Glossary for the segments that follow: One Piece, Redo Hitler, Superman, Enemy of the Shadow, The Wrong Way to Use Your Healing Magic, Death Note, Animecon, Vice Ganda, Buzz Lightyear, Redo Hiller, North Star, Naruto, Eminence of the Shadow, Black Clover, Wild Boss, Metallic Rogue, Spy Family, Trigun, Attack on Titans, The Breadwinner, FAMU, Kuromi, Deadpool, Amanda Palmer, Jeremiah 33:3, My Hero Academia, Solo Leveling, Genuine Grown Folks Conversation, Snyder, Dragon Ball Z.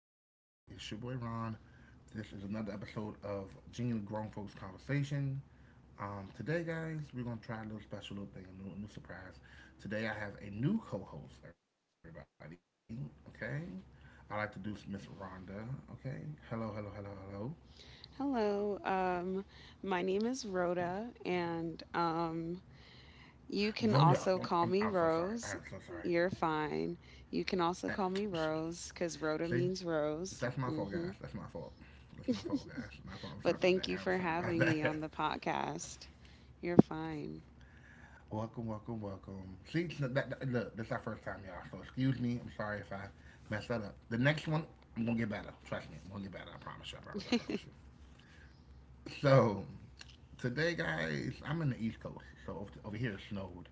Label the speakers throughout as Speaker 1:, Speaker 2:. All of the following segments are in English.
Speaker 1: Hey, it's your boy Ron. This is another episode of Genuine Grown Folks Conversation. Today, guys, we're gonna try a little special little thing, a new surprise. Today, I have a new co-host, everybody. Okay, I like to do Miss Rhonda. Okay, hello, hello, hello, hello.
Speaker 2: Hello. My name is Rhoda, and
Speaker 1: Rhoda, I'm,
Speaker 2: you can
Speaker 1: I'm, I'm so
Speaker 2: also
Speaker 1: sorry.
Speaker 2: call
Speaker 1: I am
Speaker 2: me
Speaker 1: so sorry.
Speaker 2: Rose. You're fine. You can also call me Rose
Speaker 1: See,
Speaker 2: because Rhoda means
Speaker 1: that's my
Speaker 2: Rose.
Speaker 1: fault, guys. That's my
Speaker 2: Hmm.
Speaker 1: fault. That's my fault, guys. My fault. I'm sorry about
Speaker 2: But
Speaker 1: that.
Speaker 2: thank
Speaker 1: I'm
Speaker 2: you
Speaker 1: sorry
Speaker 2: for
Speaker 1: about
Speaker 2: having me
Speaker 1: that.
Speaker 2: on the podcast. You're fine.
Speaker 1: Welcome, welcome, welcome. See, look, this is our first time, y'all. So excuse me. I'm sorry if I messed that up. The next one, I'm gonna get better. Trust me, I'm gonna get better. I promise you. I promise. I promise you. So today, guys, I'm in the East Coast. So over here, it snowed,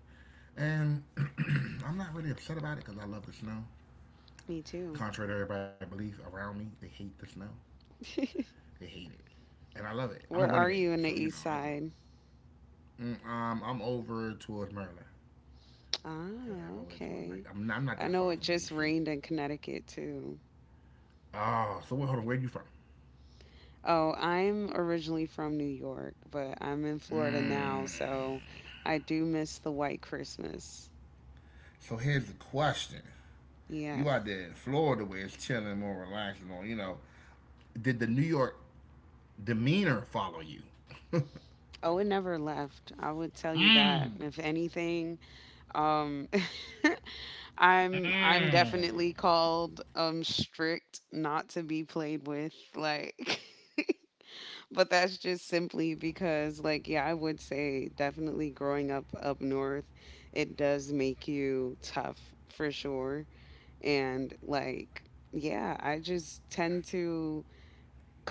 Speaker 1: and I'm not really upset about it because I love the snow.
Speaker 2: Me too.
Speaker 1: Contrary to everybody's belief around me, they hate the snow. They hate it, and I love it. I'm a
Speaker 2: Where
Speaker 1: winter
Speaker 2: are
Speaker 1: baby,
Speaker 2: you in
Speaker 1: so
Speaker 2: the
Speaker 1: you know
Speaker 2: East
Speaker 1: I grew up.
Speaker 2: Side?
Speaker 1: I'm over towards Maryland. Yeah, I'm
Speaker 2: Ah,
Speaker 1: over towards like
Speaker 2: okay.
Speaker 1: I'm not that
Speaker 2: I
Speaker 1: far
Speaker 2: know it
Speaker 1: from
Speaker 2: just
Speaker 1: DC.
Speaker 2: rained in Connecticut too.
Speaker 1: Oh, so wait, hold on. Where you from?
Speaker 2: Oh, I'm originally from New York, but I'm in Florida
Speaker 1: Mm.
Speaker 2: now, so I do miss the white Christmas.
Speaker 1: So here's the question: you out
Speaker 2: Yes.
Speaker 1: there in Florida, where it's chilling, more relaxed, more you know. Did the New York demeanor follow you?
Speaker 2: Oh, it never left. I would tell you
Speaker 1: Mm.
Speaker 2: that. If anything, um I'm
Speaker 1: Mm.
Speaker 2: I'm definitely called strict, not to be played with, like but that's just simply because, like, yeah, I would say definitely growing up north, it does make you tough, for sure. And like, yeah, I just tend to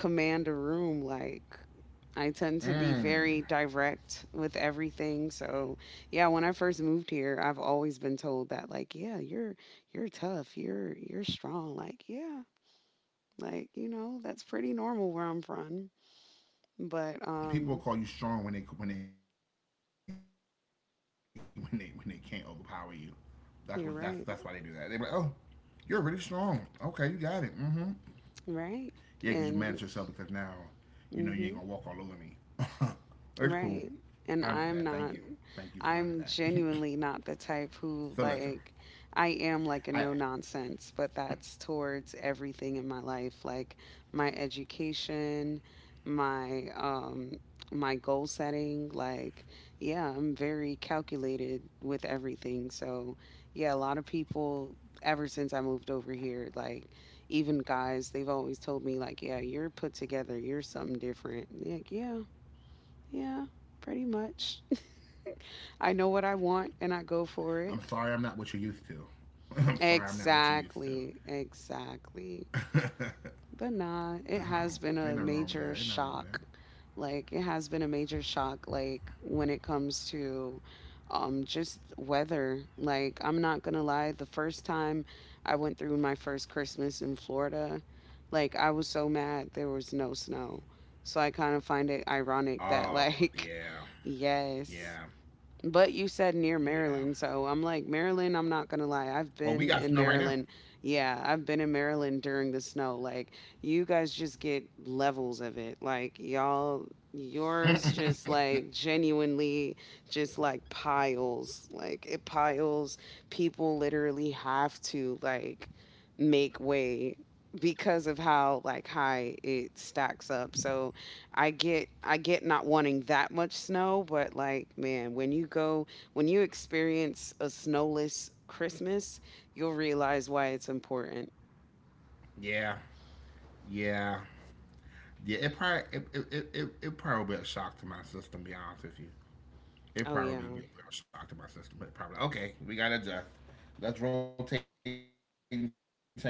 Speaker 2: command a room. Like, I tend to be
Speaker 1: Mm.
Speaker 2: very direct with everything. So, yeah, when I first moved here, I've always been told that, like, yeah, you're tough, you're strong. Like, yeah, like, you know, that's pretty normal where I'm from.
Speaker 1: People call you
Speaker 2: But
Speaker 1: strong when they when they can't overpower you. That's that's why they do that. They be like, oh, you're really strong.
Speaker 2: you're
Speaker 1: Okay, you
Speaker 2: right.
Speaker 1: got it. Mm-hmm. Yeah, because you manage yourself because now you know you ain't gonna
Speaker 2: Right.
Speaker 1: walk all over me.
Speaker 2: And
Speaker 1: It's cool.
Speaker 2: mhm.
Speaker 1: I understand. Thank you. Thank you for learning
Speaker 2: Right.
Speaker 1: that.
Speaker 2: And
Speaker 1: So listen,
Speaker 2: I'm genuinely not the
Speaker 1: I
Speaker 2: type who, like, I am like a no nonsense, but that's towards everything in my life, like my education, my, my goal setting, like, yeah, I'm very calculated with everything. So yeah, a lot of people, ever since I moved over here, like, even guys, they've always told me, like, yeah, you're put together, you're something different. Like, yeah, yeah, pretty much. I know what I want
Speaker 1: I'm
Speaker 2: and I
Speaker 1: sorry
Speaker 2: go
Speaker 1: I'm not
Speaker 2: for
Speaker 1: what you're
Speaker 2: it.
Speaker 1: used to. I'm sorry I'm not what you're used to.
Speaker 2: Exactly, exactly. But
Speaker 1: No,
Speaker 2: nah, it
Speaker 1: ain't nothing
Speaker 2: has
Speaker 1: wrong with
Speaker 2: been
Speaker 1: that.
Speaker 2: a
Speaker 1: Ain't nothing wrong with
Speaker 2: major
Speaker 1: that.
Speaker 2: shock. Like, it has been a major shock, like when it comes to just weather. Like, I'm not going to lie, the first time I went through my first Christmas in Florida, like, I was so mad there was no snow. So I kind of find it ironic that,
Speaker 1: Oh
Speaker 2: like,
Speaker 1: yeah,
Speaker 2: yes.
Speaker 1: yeah,
Speaker 2: But you said near
Speaker 1: yeah.
Speaker 2: Maryland, so I'm like, Maryland, I'm not gonna lie,
Speaker 1: Well,
Speaker 2: I've
Speaker 1: we got
Speaker 2: been
Speaker 1: snow right
Speaker 2: in
Speaker 1: now.
Speaker 2: Maryland. Yeah, I've been in Maryland during the snow. Like, you guys just get levels of it. Like, y'all, yours just, like, genuinely just, like, piles. Like, it piles. People literally have to, like, make way because of how, like, high it stacks up. So I get not wanting that much snow, but like, man, when you go, when you experience a snowless Christmas, you'll realize why it's important.
Speaker 1: Yeah, yeah, yeah. It probably it probably be a shock to my system. Be honest with you. It
Speaker 2: Oh yeah.
Speaker 1: probably would be a little shock to my system. But probably okay, we gotta adjust. Let's rotate and change this. Hold on, we gotta adjust now.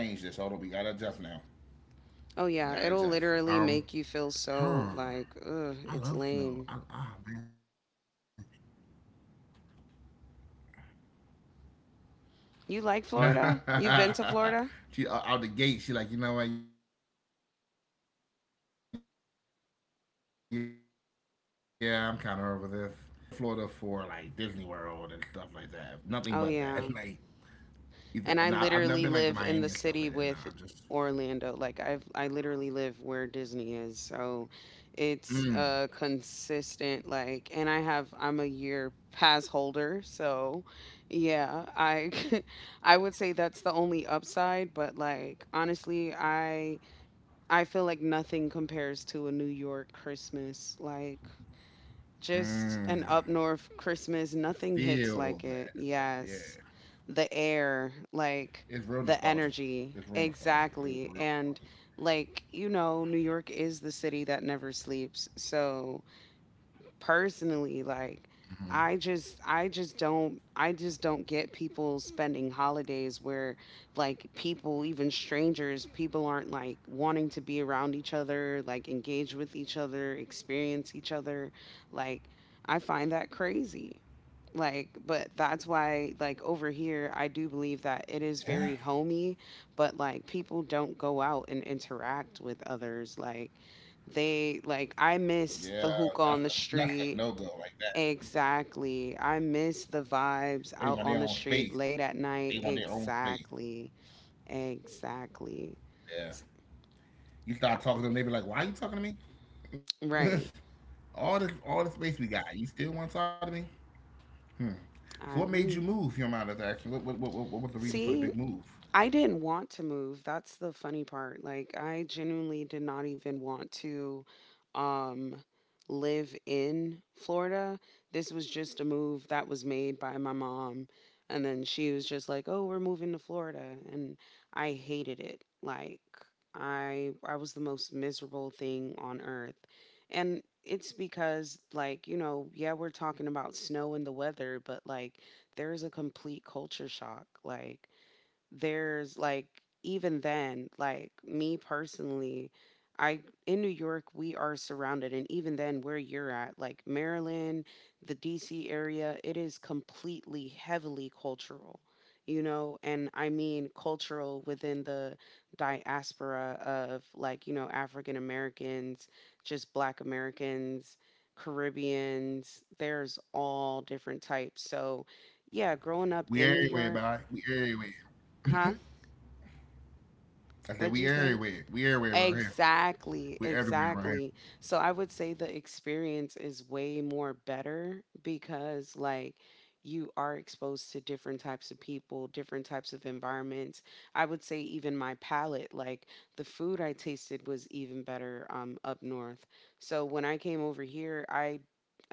Speaker 1: We gotta adjust.
Speaker 2: Oh yeah, it'll literally make you
Speaker 1: Huh?
Speaker 2: feel so, like,
Speaker 1: I love
Speaker 2: ugh,
Speaker 1: snow.
Speaker 2: it's
Speaker 1: I, ah
Speaker 2: lame.
Speaker 1: man.
Speaker 2: You like Florida? You've been to Florida?
Speaker 1: She out the gate. She like, you know what? Yeah, I'm kind of over this. Uh, n- I've been to Florida for like Disney World and stuff like that. Nothing but that. Like
Speaker 2: Oh yeah.
Speaker 1: either. Nah, I've never been like to
Speaker 2: And I
Speaker 1: Miami and stuff like
Speaker 2: literally
Speaker 1: that. Nah,
Speaker 2: live
Speaker 1: I
Speaker 2: in the
Speaker 1: just
Speaker 2: city with Orlando. Like, I literally live where Disney is. So it's
Speaker 1: mm,
Speaker 2: consistent, like, and I'm a year pass holder, so yeah, I I would say that's the only upside, but like, honestly, I feel like nothing compares to a New York Christmas. Like, just an up north
Speaker 1: mm,
Speaker 2: Christmas. Nothing hits like it.
Speaker 1: feel
Speaker 2: Yes.
Speaker 1: that.
Speaker 2: The
Speaker 1: Yeah.
Speaker 2: air, like,
Speaker 1: It's real
Speaker 2: the
Speaker 1: nostalgic.
Speaker 2: energy.
Speaker 1: It's real nostalgic. It is
Speaker 2: Exactly.
Speaker 1: real
Speaker 2: And
Speaker 1: nostalgic.
Speaker 2: like, you know, New York is the city that never sleeps. So personally, like,
Speaker 1: Mm-hmm.
Speaker 2: I just don't get people spending holidays where, like, people, even strangers, people aren't like wanting to be around each other, like engage with each other, experience each other, like, I find that crazy. Like, but that's why, like, over here I do believe that it is very
Speaker 1: Yeah,
Speaker 2: homey, but like people don't go out and interact with others, like, they like, I miss
Speaker 1: yeah.
Speaker 2: the hookah on
Speaker 1: That's
Speaker 2: the
Speaker 1: a that's a
Speaker 2: street,
Speaker 1: no go like that.
Speaker 2: exactly, I miss the vibes
Speaker 1: They
Speaker 2: out
Speaker 1: want their
Speaker 2: on the
Speaker 1: own space.
Speaker 2: street late at
Speaker 1: They
Speaker 2: night,
Speaker 1: want their own space.
Speaker 2: exactly, exactly.
Speaker 1: Yeah.
Speaker 2: S-
Speaker 1: You start
Speaker 2: ha-
Speaker 1: talking to them, they be like, "Why you talking to me?
Speaker 2: right,
Speaker 1: All this all the space we got, you still want to talk to me?" So what
Speaker 2: I
Speaker 1: made you
Speaker 2: agree.
Speaker 1: move? Your mind is action. What was the reason for the big
Speaker 2: See,
Speaker 1: move?
Speaker 2: I didn't want to move. That's the funny part. Like, I genuinely did not even want to um live in Florida. This was just a move that was made by my mom, and then she was just like, "Oh, we're moving to Florida." And I hated it. Like, I was the most miserable thing on earth. And it's because, like, you know, yeah, we're talking about snow and the weather, but like, there is a complete culture shock. Like, there's like, even then, like, me personally, I in New York we are surrounded, and even then where you're at, like, Maryland, the DC area, it is completely heavily cultural, you know, and I mean cultural within the diaspora of, like, you know, African Americans, just Black Americans, Caribbeans, there's all different types. So yeah, growing up
Speaker 1: We
Speaker 2: in New
Speaker 1: everywhere,
Speaker 2: York.
Speaker 1: by we everywhere.
Speaker 2: Huh?
Speaker 1: I said
Speaker 2: What'd
Speaker 1: we
Speaker 2: you say?
Speaker 1: everywhere. We everywhere around here.
Speaker 2: Exactly,
Speaker 1: We everywhere around here.
Speaker 2: exactly. So I would say the experience is way more better because, like, you are exposed to different types of people, different types of environments. I would say, even my palate, like, the food I tasted was even better up north. So when I came over here,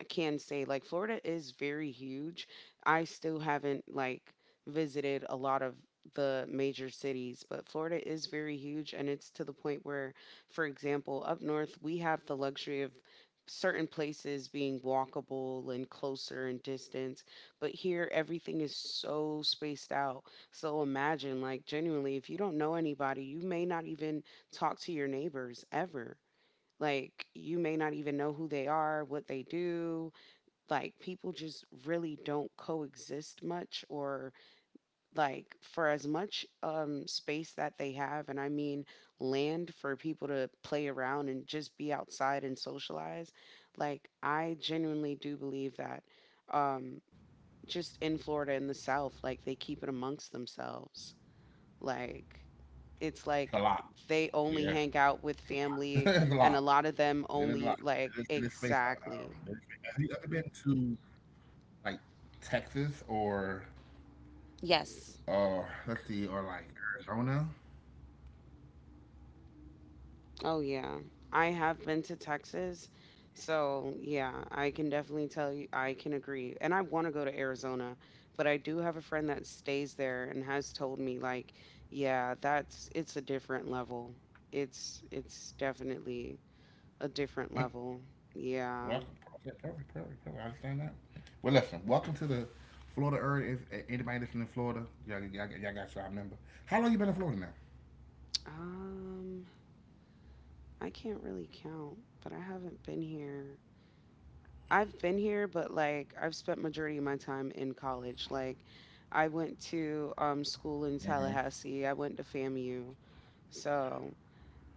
Speaker 2: I can say, like, Florida is very huge. I still haven't, like, visited a lot of the major cities, but Florida is very huge and it's to the point where, for example, up north, we have the luxury of certain places being walkable and closer in distance, but here everything is so spaced out. So imagine, like, genuinely, if you don't know anybody, you may not even talk to your neighbors ever. Like, you may not even know who they are, what they do. Like, people just really don't coexist much, or like, for as much space that they have, and I mean land, for people to play around and just be outside and socialize, like, I genuinely do believe that um just in Florida, in the south, like, they keep it amongst themselves, like,
Speaker 1: It's a lot.
Speaker 2: it's like,
Speaker 1: Yeah,
Speaker 2: they
Speaker 1: it's a
Speaker 2: only hang out
Speaker 1: lot.
Speaker 2: with
Speaker 1: It's a lot.
Speaker 2: family, and a
Speaker 1: It
Speaker 2: lot
Speaker 1: is
Speaker 2: of
Speaker 1: a lot.
Speaker 2: them
Speaker 1: It is,
Speaker 2: only,
Speaker 1: it is
Speaker 2: like,
Speaker 1: spaced out. It is spaced
Speaker 2: exactly.
Speaker 1: out. Have you ever been to like Texas or
Speaker 2: Yes.
Speaker 1: uh, let's see, or like Arizona?
Speaker 2: Oh yeah, I have been to Texas, so yeah, I can definitely tell you. I can agree, and I want to go to Arizona, but I do have a friend that stays there and has told me, like, yeah, that's, it's a different level. It's definitely a different level. Yeah.
Speaker 1: Welcome. Perfect, perfect, perfect, perfect. I understand that. Well, listen. Welcome to the Florida area. If anybody listening in Florida, y'all got your number. How long you been in Florida now?
Speaker 2: Um, I can't really count, but I haven't been here. I've been here, but like, I've spent majority of my time in college. Like, I went to school in
Speaker 1: Hmm.
Speaker 2: Tallahassee. I went to FAMU. So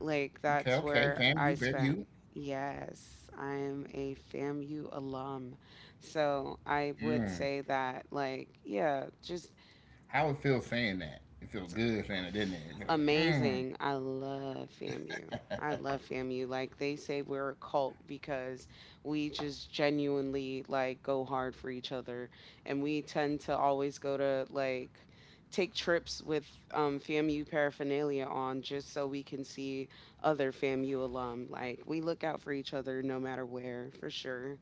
Speaker 2: like,
Speaker 1: Okay,
Speaker 2: that's
Speaker 1: okay,
Speaker 2: where
Speaker 1: fam. You,
Speaker 2: I
Speaker 1: fam,
Speaker 2: spent.
Speaker 1: you.
Speaker 2: Yes, I am a FAMU alum. So I would
Speaker 1: Mm.
Speaker 2: say that like, yeah, just
Speaker 1: How it feels saying that? It feels good saying it, didn't it? It feel like, mm.
Speaker 2: amazing. I love FAMU. I love FAMU. Like, they say we're a cult because we just genuinely like go hard for each other, and we tend to always go to, like, take trips with FAMU paraphernalia on just so we can see other FAMU alum. Like, we look out for each other no matter where, for sure.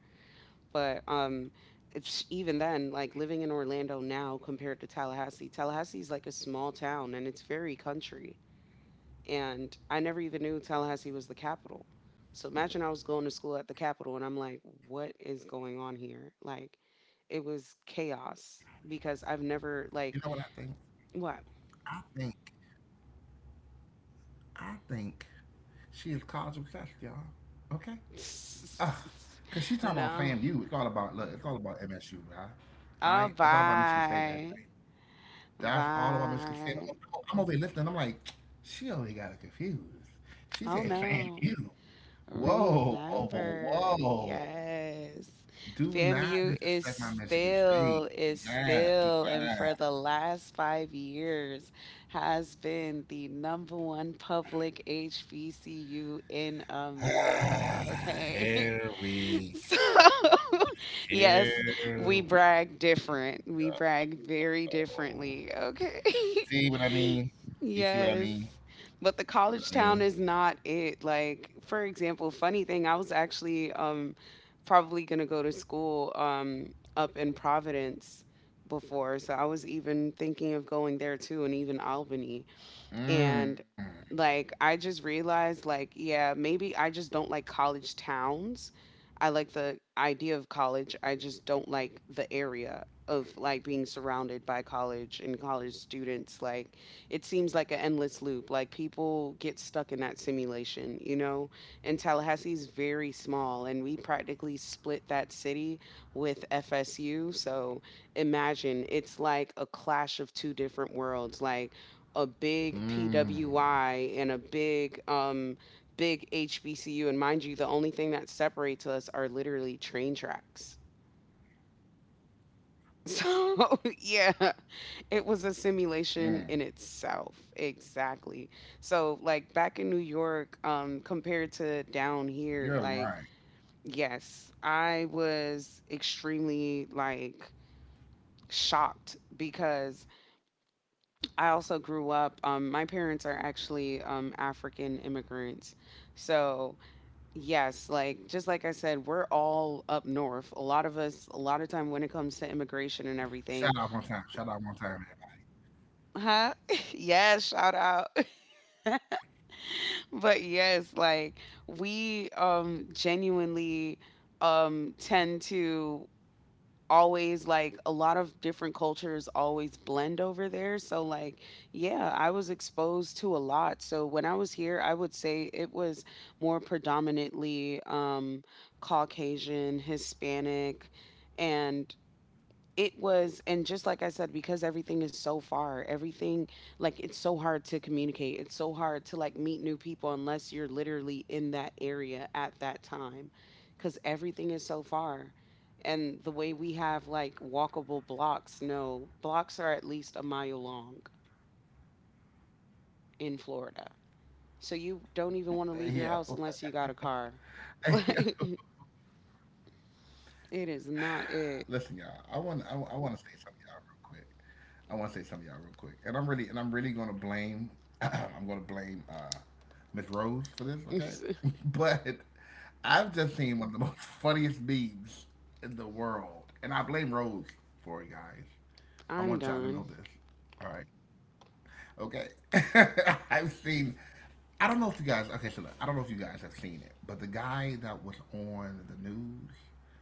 Speaker 2: But it's even then, like, living in Orlando now compared to Tallahassee. Tallahassee is like a small town and it's very country. And I never even knew Tallahassee was the capital. So imagine I was going to school at the capital and I'm like, what is going on here? Like, it was chaos
Speaker 1: You
Speaker 2: because
Speaker 1: know what
Speaker 2: I've
Speaker 1: I think?
Speaker 2: never like—
Speaker 1: I think
Speaker 2: What?
Speaker 1: I think she is college obsessed, y'all. Okay? Ugh. Cause she talking about FAMU. It's all
Speaker 2: No.
Speaker 1: about look, it's all about MSU, right? All right, it's all about
Speaker 2: Oh
Speaker 1: Michigan State, baby.
Speaker 2: bye.
Speaker 1: That's all about Michigan State. I'm,
Speaker 2: Bye.
Speaker 1: I'm, I'm over here listening. I'm like, she already got it confused. She said
Speaker 2: Oh no.
Speaker 1: FAMU. Whoa, whoa,
Speaker 2: Remember,
Speaker 1: whoa.
Speaker 2: yes.
Speaker 1: Do not disrespect my Michigan State. Do
Speaker 2: Is
Speaker 1: not, do
Speaker 2: still, and for the last five years has been the number one public HBCU in
Speaker 1: not.
Speaker 2: America. Okay.
Speaker 1: Here we
Speaker 2: So,
Speaker 1: go.
Speaker 2: yes,
Speaker 1: Here
Speaker 2: we
Speaker 1: we
Speaker 2: brag different. We brag
Speaker 1: go.
Speaker 2: very differently.
Speaker 1: See
Speaker 2: Okay.
Speaker 1: what I mean? You see what I mean?
Speaker 2: Yes.
Speaker 1: You see what
Speaker 2: But
Speaker 1: I
Speaker 2: the
Speaker 1: mean?
Speaker 2: college town is not it. Like, for example, funny thing, I was actually probably gonna go to school up in Providence before. So I was even thinking of going there
Speaker 1: Mmm.
Speaker 2: too, and even Albany, and like, I just realized like, yeah, maybe I just don't like college towns. I like the idea of college. I just don't like the area of, like, being surrounded by college and college students. Like, it seems like an endless loop. Like, people get stuck in that simulation, you know? And Tallahassee is very small and we practically split that city with FSU. So imagine it's like a clash of two different
Speaker 1: Mmm.
Speaker 2: worlds. Like, a big PWI and a big HBCU, and mind you, the only thing that separates us are literally train tracks. So yeah, it
Speaker 1: Mmm.
Speaker 2: was a simulation in itself. Exactly. So like, back in New York, compared
Speaker 1: You're
Speaker 2: to
Speaker 1: lying.
Speaker 2: down here, like, yes, I was extremely, like, shocked because I also grew up. My parents are actually African immigrants, so yes, like, just like I said, we're all up north. A lot of us, a
Speaker 1: Shout
Speaker 2: lot
Speaker 1: out
Speaker 2: of
Speaker 1: one
Speaker 2: time,
Speaker 1: time.
Speaker 2: when it
Speaker 1: Shout out
Speaker 2: comes
Speaker 1: one
Speaker 2: to
Speaker 1: time.
Speaker 2: immigration and everything, huh? Yes, shout out. But yes, like we genuinely tend to always like a lot of different cultures always blend over there, so like yeah, I was exposed to a lot. So when I was here, I would say it was more predominantly Caucasian, Hispanic. And it was, and just like I said, because everything is so far, everything, like it's so hard to communicate, it's so hard to like meet new people unless you're literally in that area at that time, because everything is so far. And the way we have like walkable blocks, no, blocks are at least a mile long in Florida. So
Speaker 1: Hey,
Speaker 2: you
Speaker 1: yo.
Speaker 2: don't even want to leave your house unless you
Speaker 1: Hey,
Speaker 2: got a
Speaker 1: yo.
Speaker 2: car. Like it is
Speaker 1: Listen, y'all.
Speaker 2: not
Speaker 1: I
Speaker 2: it
Speaker 1: want. I want to say something, y'all, real quick. I want to say something, y'all, real quick. And I'm really. And I'm really gonna blame. I'm gonna blame Miss Rose for this. Okay. But I've just seen one of the most funniest memes in the world, and I blame Rose for it, guys. I want
Speaker 2: I'm
Speaker 1: y'all to know
Speaker 2: done.
Speaker 1: this. All right. Okay. I've seen. I don't know if you guys. Okay, so look, I don't know if you guys have seen it, but the guy that was on the news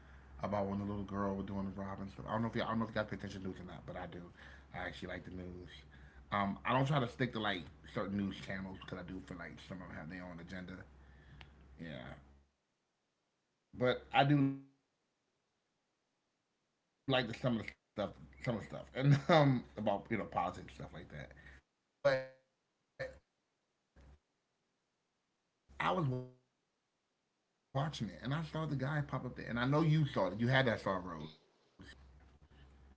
Speaker 1: about when the little girl was doing the robbing stuff. I don't know if you guys pay attention to news or not, but I do. I actually like the news. I don't try to stick to like certain news channels because I do feel like some of them have their own agenda. Yeah, but I do like some of the stuff, some of the stuff, and about you know politics and stuff like that. But I was watching it, and I saw the guy pop up there, and I know you saw it. You had that star Rose. I know you saw him. You know, the guy I'm talking about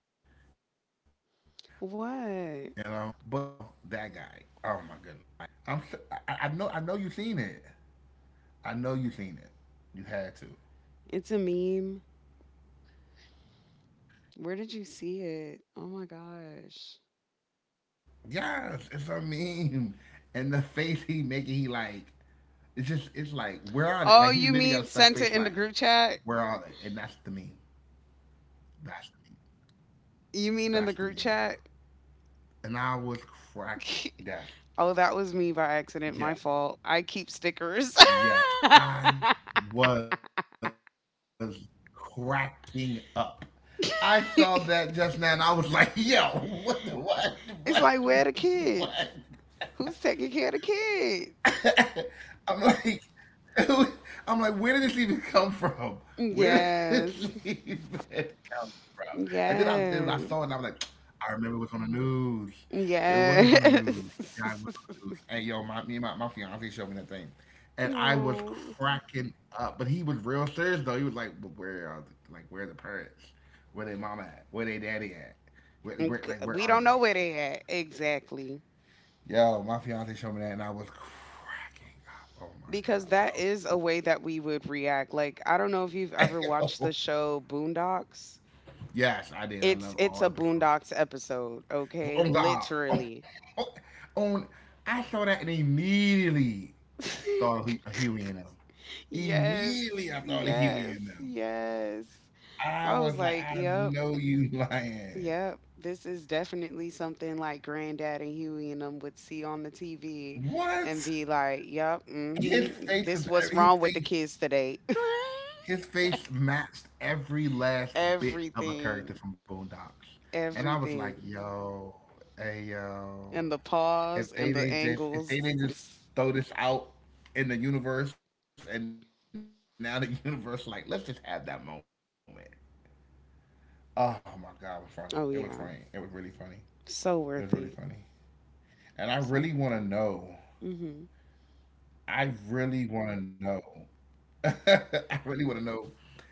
Speaker 1: the guy that was like, "Where's her parents at?
Speaker 2: What?
Speaker 1: Where where's her mother?" You know that guy. Oh my goodness. So I know you seen it. I know you seen it. You had to.
Speaker 2: It's a meme. Where did you see it? Oh my gosh.
Speaker 1: Yes, it's a meme. And the face he making, he like, it's just, it's like, where are they?
Speaker 2: Oh,
Speaker 1: Like he
Speaker 2: you
Speaker 1: literally got a
Speaker 2: mean
Speaker 1: stuck
Speaker 2: sent it
Speaker 1: face,
Speaker 2: in the
Speaker 1: like,
Speaker 2: group chat?
Speaker 1: where are they? And that's the meme. That's the meme.
Speaker 2: You
Speaker 1: That's
Speaker 2: mean
Speaker 1: the
Speaker 2: in the
Speaker 1: meme, y'all.
Speaker 2: group chat?
Speaker 1: And I was cracking.
Speaker 2: Oh, that
Speaker 1: Yes,
Speaker 2: was me by accident. My fault.
Speaker 1: yes,
Speaker 2: I keep stickers.
Speaker 1: yes, yes. I was cracking up. I saw that
Speaker 2: It's
Speaker 1: just now, and I was like, yo, what the what,
Speaker 2: like, where are the
Speaker 1: what?
Speaker 2: kids? Who's taking care of the kids?
Speaker 1: I'm like, who- I'm like, where did this even come from? Where did this
Speaker 2: Yes.
Speaker 1: even come from? And then I saw it and
Speaker 2: Yes.
Speaker 1: I was like, I remember it was on the news. It was on the
Speaker 2: Yes.
Speaker 1: news. The guy was on the news. Hey, yo, me and my fiance showed me that thing. And I was
Speaker 2: No.
Speaker 1: cracking up. But he was real serious, though. He was like, but where are the, like, where are the parents? Where they mama at? Where they daddy at?
Speaker 2: G-
Speaker 1: Like,
Speaker 2: We
Speaker 1: where
Speaker 2: don't
Speaker 1: are
Speaker 2: know
Speaker 1: they?
Speaker 2: where they at. Exactly.
Speaker 1: Yo, my fiance showed me that, and I was cracking up. Oh my
Speaker 2: Because that
Speaker 1: god,
Speaker 2: is a way that we would react. Like, I don't know if you've ever
Speaker 1: bro!
Speaker 2: watched the
Speaker 1: Yo.
Speaker 2: show Boondocks.
Speaker 1: Yes, I did. I
Speaker 2: It's
Speaker 1: love
Speaker 2: it's a
Speaker 1: all episodes.
Speaker 2: Boondocks episode, okay?
Speaker 1: Oh God,
Speaker 2: Literally.
Speaker 1: on, on I saw that and immediately thought of Huey and them.
Speaker 2: Yes.
Speaker 1: Immediately, I thought of Huey
Speaker 2: Yes.
Speaker 1: and them.
Speaker 2: Yes.
Speaker 1: I
Speaker 2: I was
Speaker 1: was like,
Speaker 2: like,
Speaker 1: I
Speaker 2: "Yep.
Speaker 1: know you lying.
Speaker 2: Yep. This is definitely something like Granddad and Huey and them would see on the TV and
Speaker 1: What?
Speaker 2: be like, "Yep. Mhm. This what's
Speaker 1: His
Speaker 2: wrong with the
Speaker 1: face.
Speaker 2: kids today."
Speaker 1: His face matched every last bit of a character
Speaker 2: Everything.
Speaker 1: from Boondocks. And I was like,
Speaker 2: Everything
Speaker 1: yo, hey
Speaker 2: and the
Speaker 1: yo.
Speaker 2: pause and the
Speaker 1: If they they
Speaker 2: angles.
Speaker 1: just if they they just throw this out in the universe and now the universe like, let's just have that moment. Oh my god, it was funny.
Speaker 2: Oh
Speaker 1: It was
Speaker 2: yeah,
Speaker 1: funny. It was really funny.
Speaker 2: so
Speaker 1: It was
Speaker 2: worth
Speaker 1: really
Speaker 2: it.
Speaker 1: funny. And I
Speaker 2: So
Speaker 1: really
Speaker 2: worth
Speaker 1: wanna
Speaker 2: it.
Speaker 1: know.
Speaker 2: Hmm.
Speaker 1: I really wanna know. I really wanna know.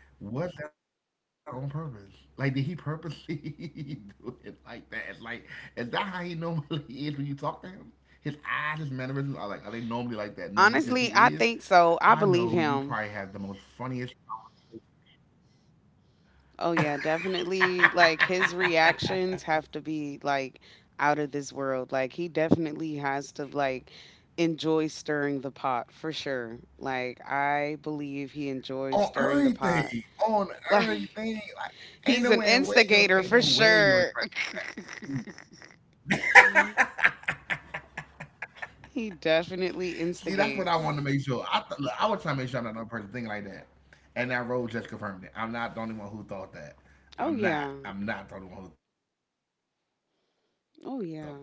Speaker 1: Was that on purpose? Like, did he purposely do it like that? It's like, is that how he normally is when you talk to him? His eyes, his mannerisms are like, are they normally like that? Normally, because if he
Speaker 2: Honestly,
Speaker 1: is,
Speaker 2: I think
Speaker 1: I
Speaker 2: so. I
Speaker 1: know
Speaker 2: believe
Speaker 1: you probably
Speaker 2: him.
Speaker 1: have the most funniest
Speaker 2: Oh
Speaker 1: on
Speaker 2: yeah, definitely. Like his reactions have to be like out of this world. Like he definitely has to like enjoy stirring the pot for sure. Like I believe he enjoys stirring the pot.
Speaker 1: everything, on
Speaker 2: Like
Speaker 1: everything. Like,
Speaker 2: he's an instigator
Speaker 1: ain't
Speaker 2: for
Speaker 1: no way your
Speaker 2: sure.
Speaker 1: expression.
Speaker 2: He definitely
Speaker 1: See, that's what I wanted to
Speaker 2: instigates.
Speaker 1: make sure. Look, I was trying to make sure I'm not the only person thinking like that, and that role just confirmed it. I'm not the only one who thought that.
Speaker 2: Oh
Speaker 1: I'm
Speaker 2: yeah.
Speaker 1: not. I'm not the only one who thought that.
Speaker 2: Oh yeah.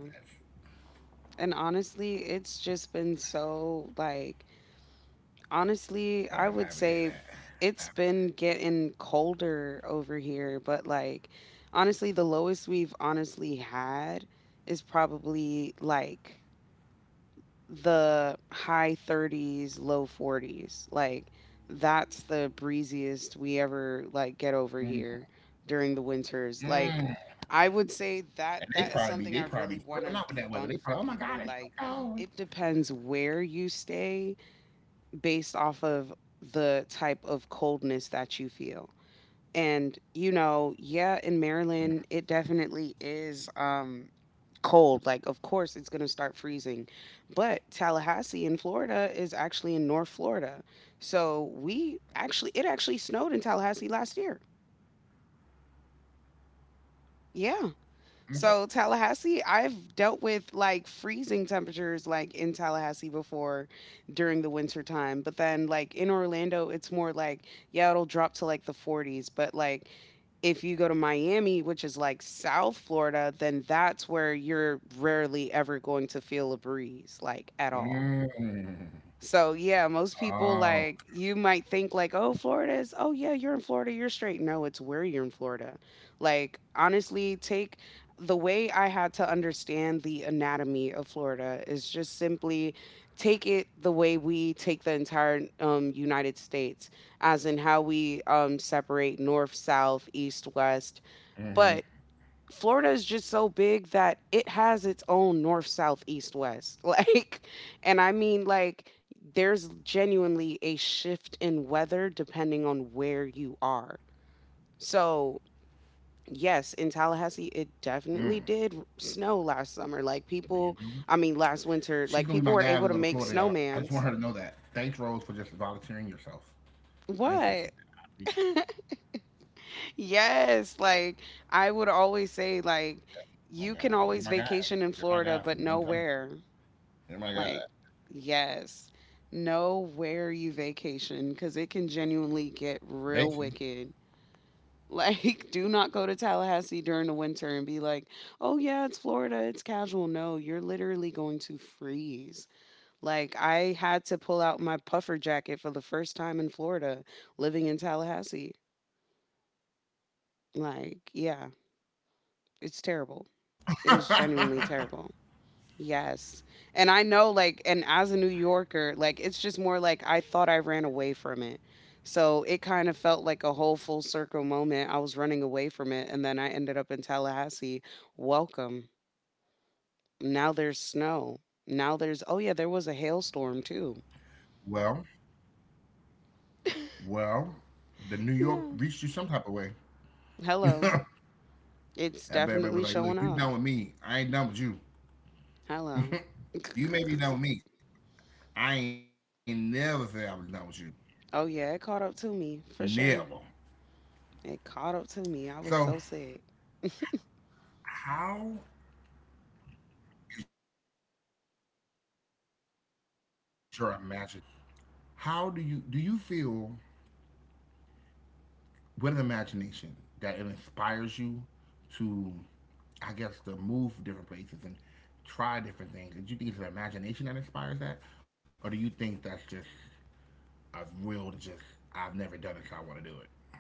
Speaker 2: And honestly, it's just been so like,
Speaker 1: Hey, I'm happy to hear that. I'm happy
Speaker 2: honestly, I would say it's been getting colder over here, but like honestly, the lowest we've honestly had is probably like the high 30s, low 40s. Like that's the breeziest we
Speaker 1: to
Speaker 2: ever
Speaker 1: hear
Speaker 2: like
Speaker 1: that.
Speaker 2: get over here during the
Speaker 1: Mm, mm.
Speaker 2: winters. Like I would
Speaker 1: And
Speaker 2: say
Speaker 1: they
Speaker 2: that
Speaker 1: probably be
Speaker 2: that is something I
Speaker 1: flipping
Speaker 2: really
Speaker 1: out with
Speaker 2: want
Speaker 1: that
Speaker 2: to
Speaker 1: weather. They probably, oh my
Speaker 2: debunk for
Speaker 1: god, it's so
Speaker 2: people. Like
Speaker 1: cold.
Speaker 2: it depends where you stay based off of the type of coldness that you feel. And you know, yeah, in Maryland it definitely
Speaker 1: Mm,
Speaker 2: is cold. Like, of course, it's going to start freezing. But Tallahassee in Florida is actually in North Florida. So we actually, it actually snowed in Tallahassee last year. Yeah. So Tallahassee, I've dealt
Speaker 1: okay.
Speaker 2: with like freezing temperatures like in Tallahassee before during the winter time. But then like in Orlando, it's more like, yeah, it'll drop to like the 40s. But like, if you go to Miami, which is like South Florida, then that's where you're rarely ever going to feel a breeze, like at all. So yeah, most people like
Speaker 1: Mm.
Speaker 2: you might think like, oh, Florida is, oh
Speaker 1: Oh.
Speaker 2: yeah, you're in Florida, you're straight. No, it's where you're in Florida. Like honestly, take the way I had to understand the anatomy of Florida is just simply take it the way we take the entire United States, as in how we separate north, south, east, west, but Florida is just so big
Speaker 1: Mm-hmm.
Speaker 2: that it has its own north, south, east, west. Like, and I mean, like, there's genuinely a shift in weather depending on where you are. So, yes, in Tallahassee, it
Speaker 1: Mm.
Speaker 2: definitely did snow last summer. Like,
Speaker 1: Well, you
Speaker 2: people,
Speaker 1: know what?
Speaker 2: I mean, last winter,
Speaker 1: She's
Speaker 2: like,
Speaker 1: gonna be
Speaker 2: people
Speaker 1: my
Speaker 2: were
Speaker 1: guy.
Speaker 2: able
Speaker 1: We
Speaker 2: to
Speaker 1: go to
Speaker 2: make
Speaker 1: Florida, y'all. I just
Speaker 2: snowmans.
Speaker 1: want her to know that. Thanks, Rose, for just volunteering yourself. Thank you for
Speaker 2: What?
Speaker 1: that. I appreciate.
Speaker 2: Yes. Like, I would always say, like,
Speaker 1: My
Speaker 2: you can
Speaker 1: God. You're
Speaker 2: always
Speaker 1: my God.
Speaker 2: vacation in
Speaker 1: You're my
Speaker 2: Florida,
Speaker 1: God.
Speaker 2: but
Speaker 1: From, I'm telling you.
Speaker 2: nowhere.
Speaker 1: You're my God.
Speaker 2: Like, yes, know where you vacation because it can genuinely get real
Speaker 1: Basically.
Speaker 2: wicked. Like, do not go to Tallahassee during the winter and be like, oh, yeah, it's Florida, it's casual. No, you're literally going to freeze. Like, I had to pull out my puffer jacket for the first time in Florida living in Tallahassee. Like, yeah, it's terrible. It is genuinely terrible. Yes. And I know, like, and as a New Yorker, like it's just more like I thought I ran away from it. So it kind of felt like a whole full circle moment. I was running away from it and then I ended up in Tallahassee. Welcome. Now there's snow. Now there's, oh yeah, there was a hailstorm too.
Speaker 1: well, well, the New York
Speaker 2: Yeah.
Speaker 1: reached you some type of way.
Speaker 2: Hello.
Speaker 1: That
Speaker 2: It's
Speaker 1: bad boy was
Speaker 2: definitely
Speaker 1: like, look,
Speaker 2: showing
Speaker 1: you
Speaker 2: up.
Speaker 1: done with me. I ain't done with you.
Speaker 2: Hello.
Speaker 1: You may be done with me. I ain't never say I was done with you.
Speaker 2: Oh yeah, it caught up to
Speaker 1: Never.
Speaker 2: me for sure. It caught up
Speaker 1: So
Speaker 2: to me. I was so sick.
Speaker 1: how is your imagination with inspirers? So, what I'm trying to say is, how do you feel with an imagination that it inspires you to, I guess, to move different places and try different things. Do you think it's an imagination that inspires that, or do you think that's just a will to just I've never done it, so I want to do it?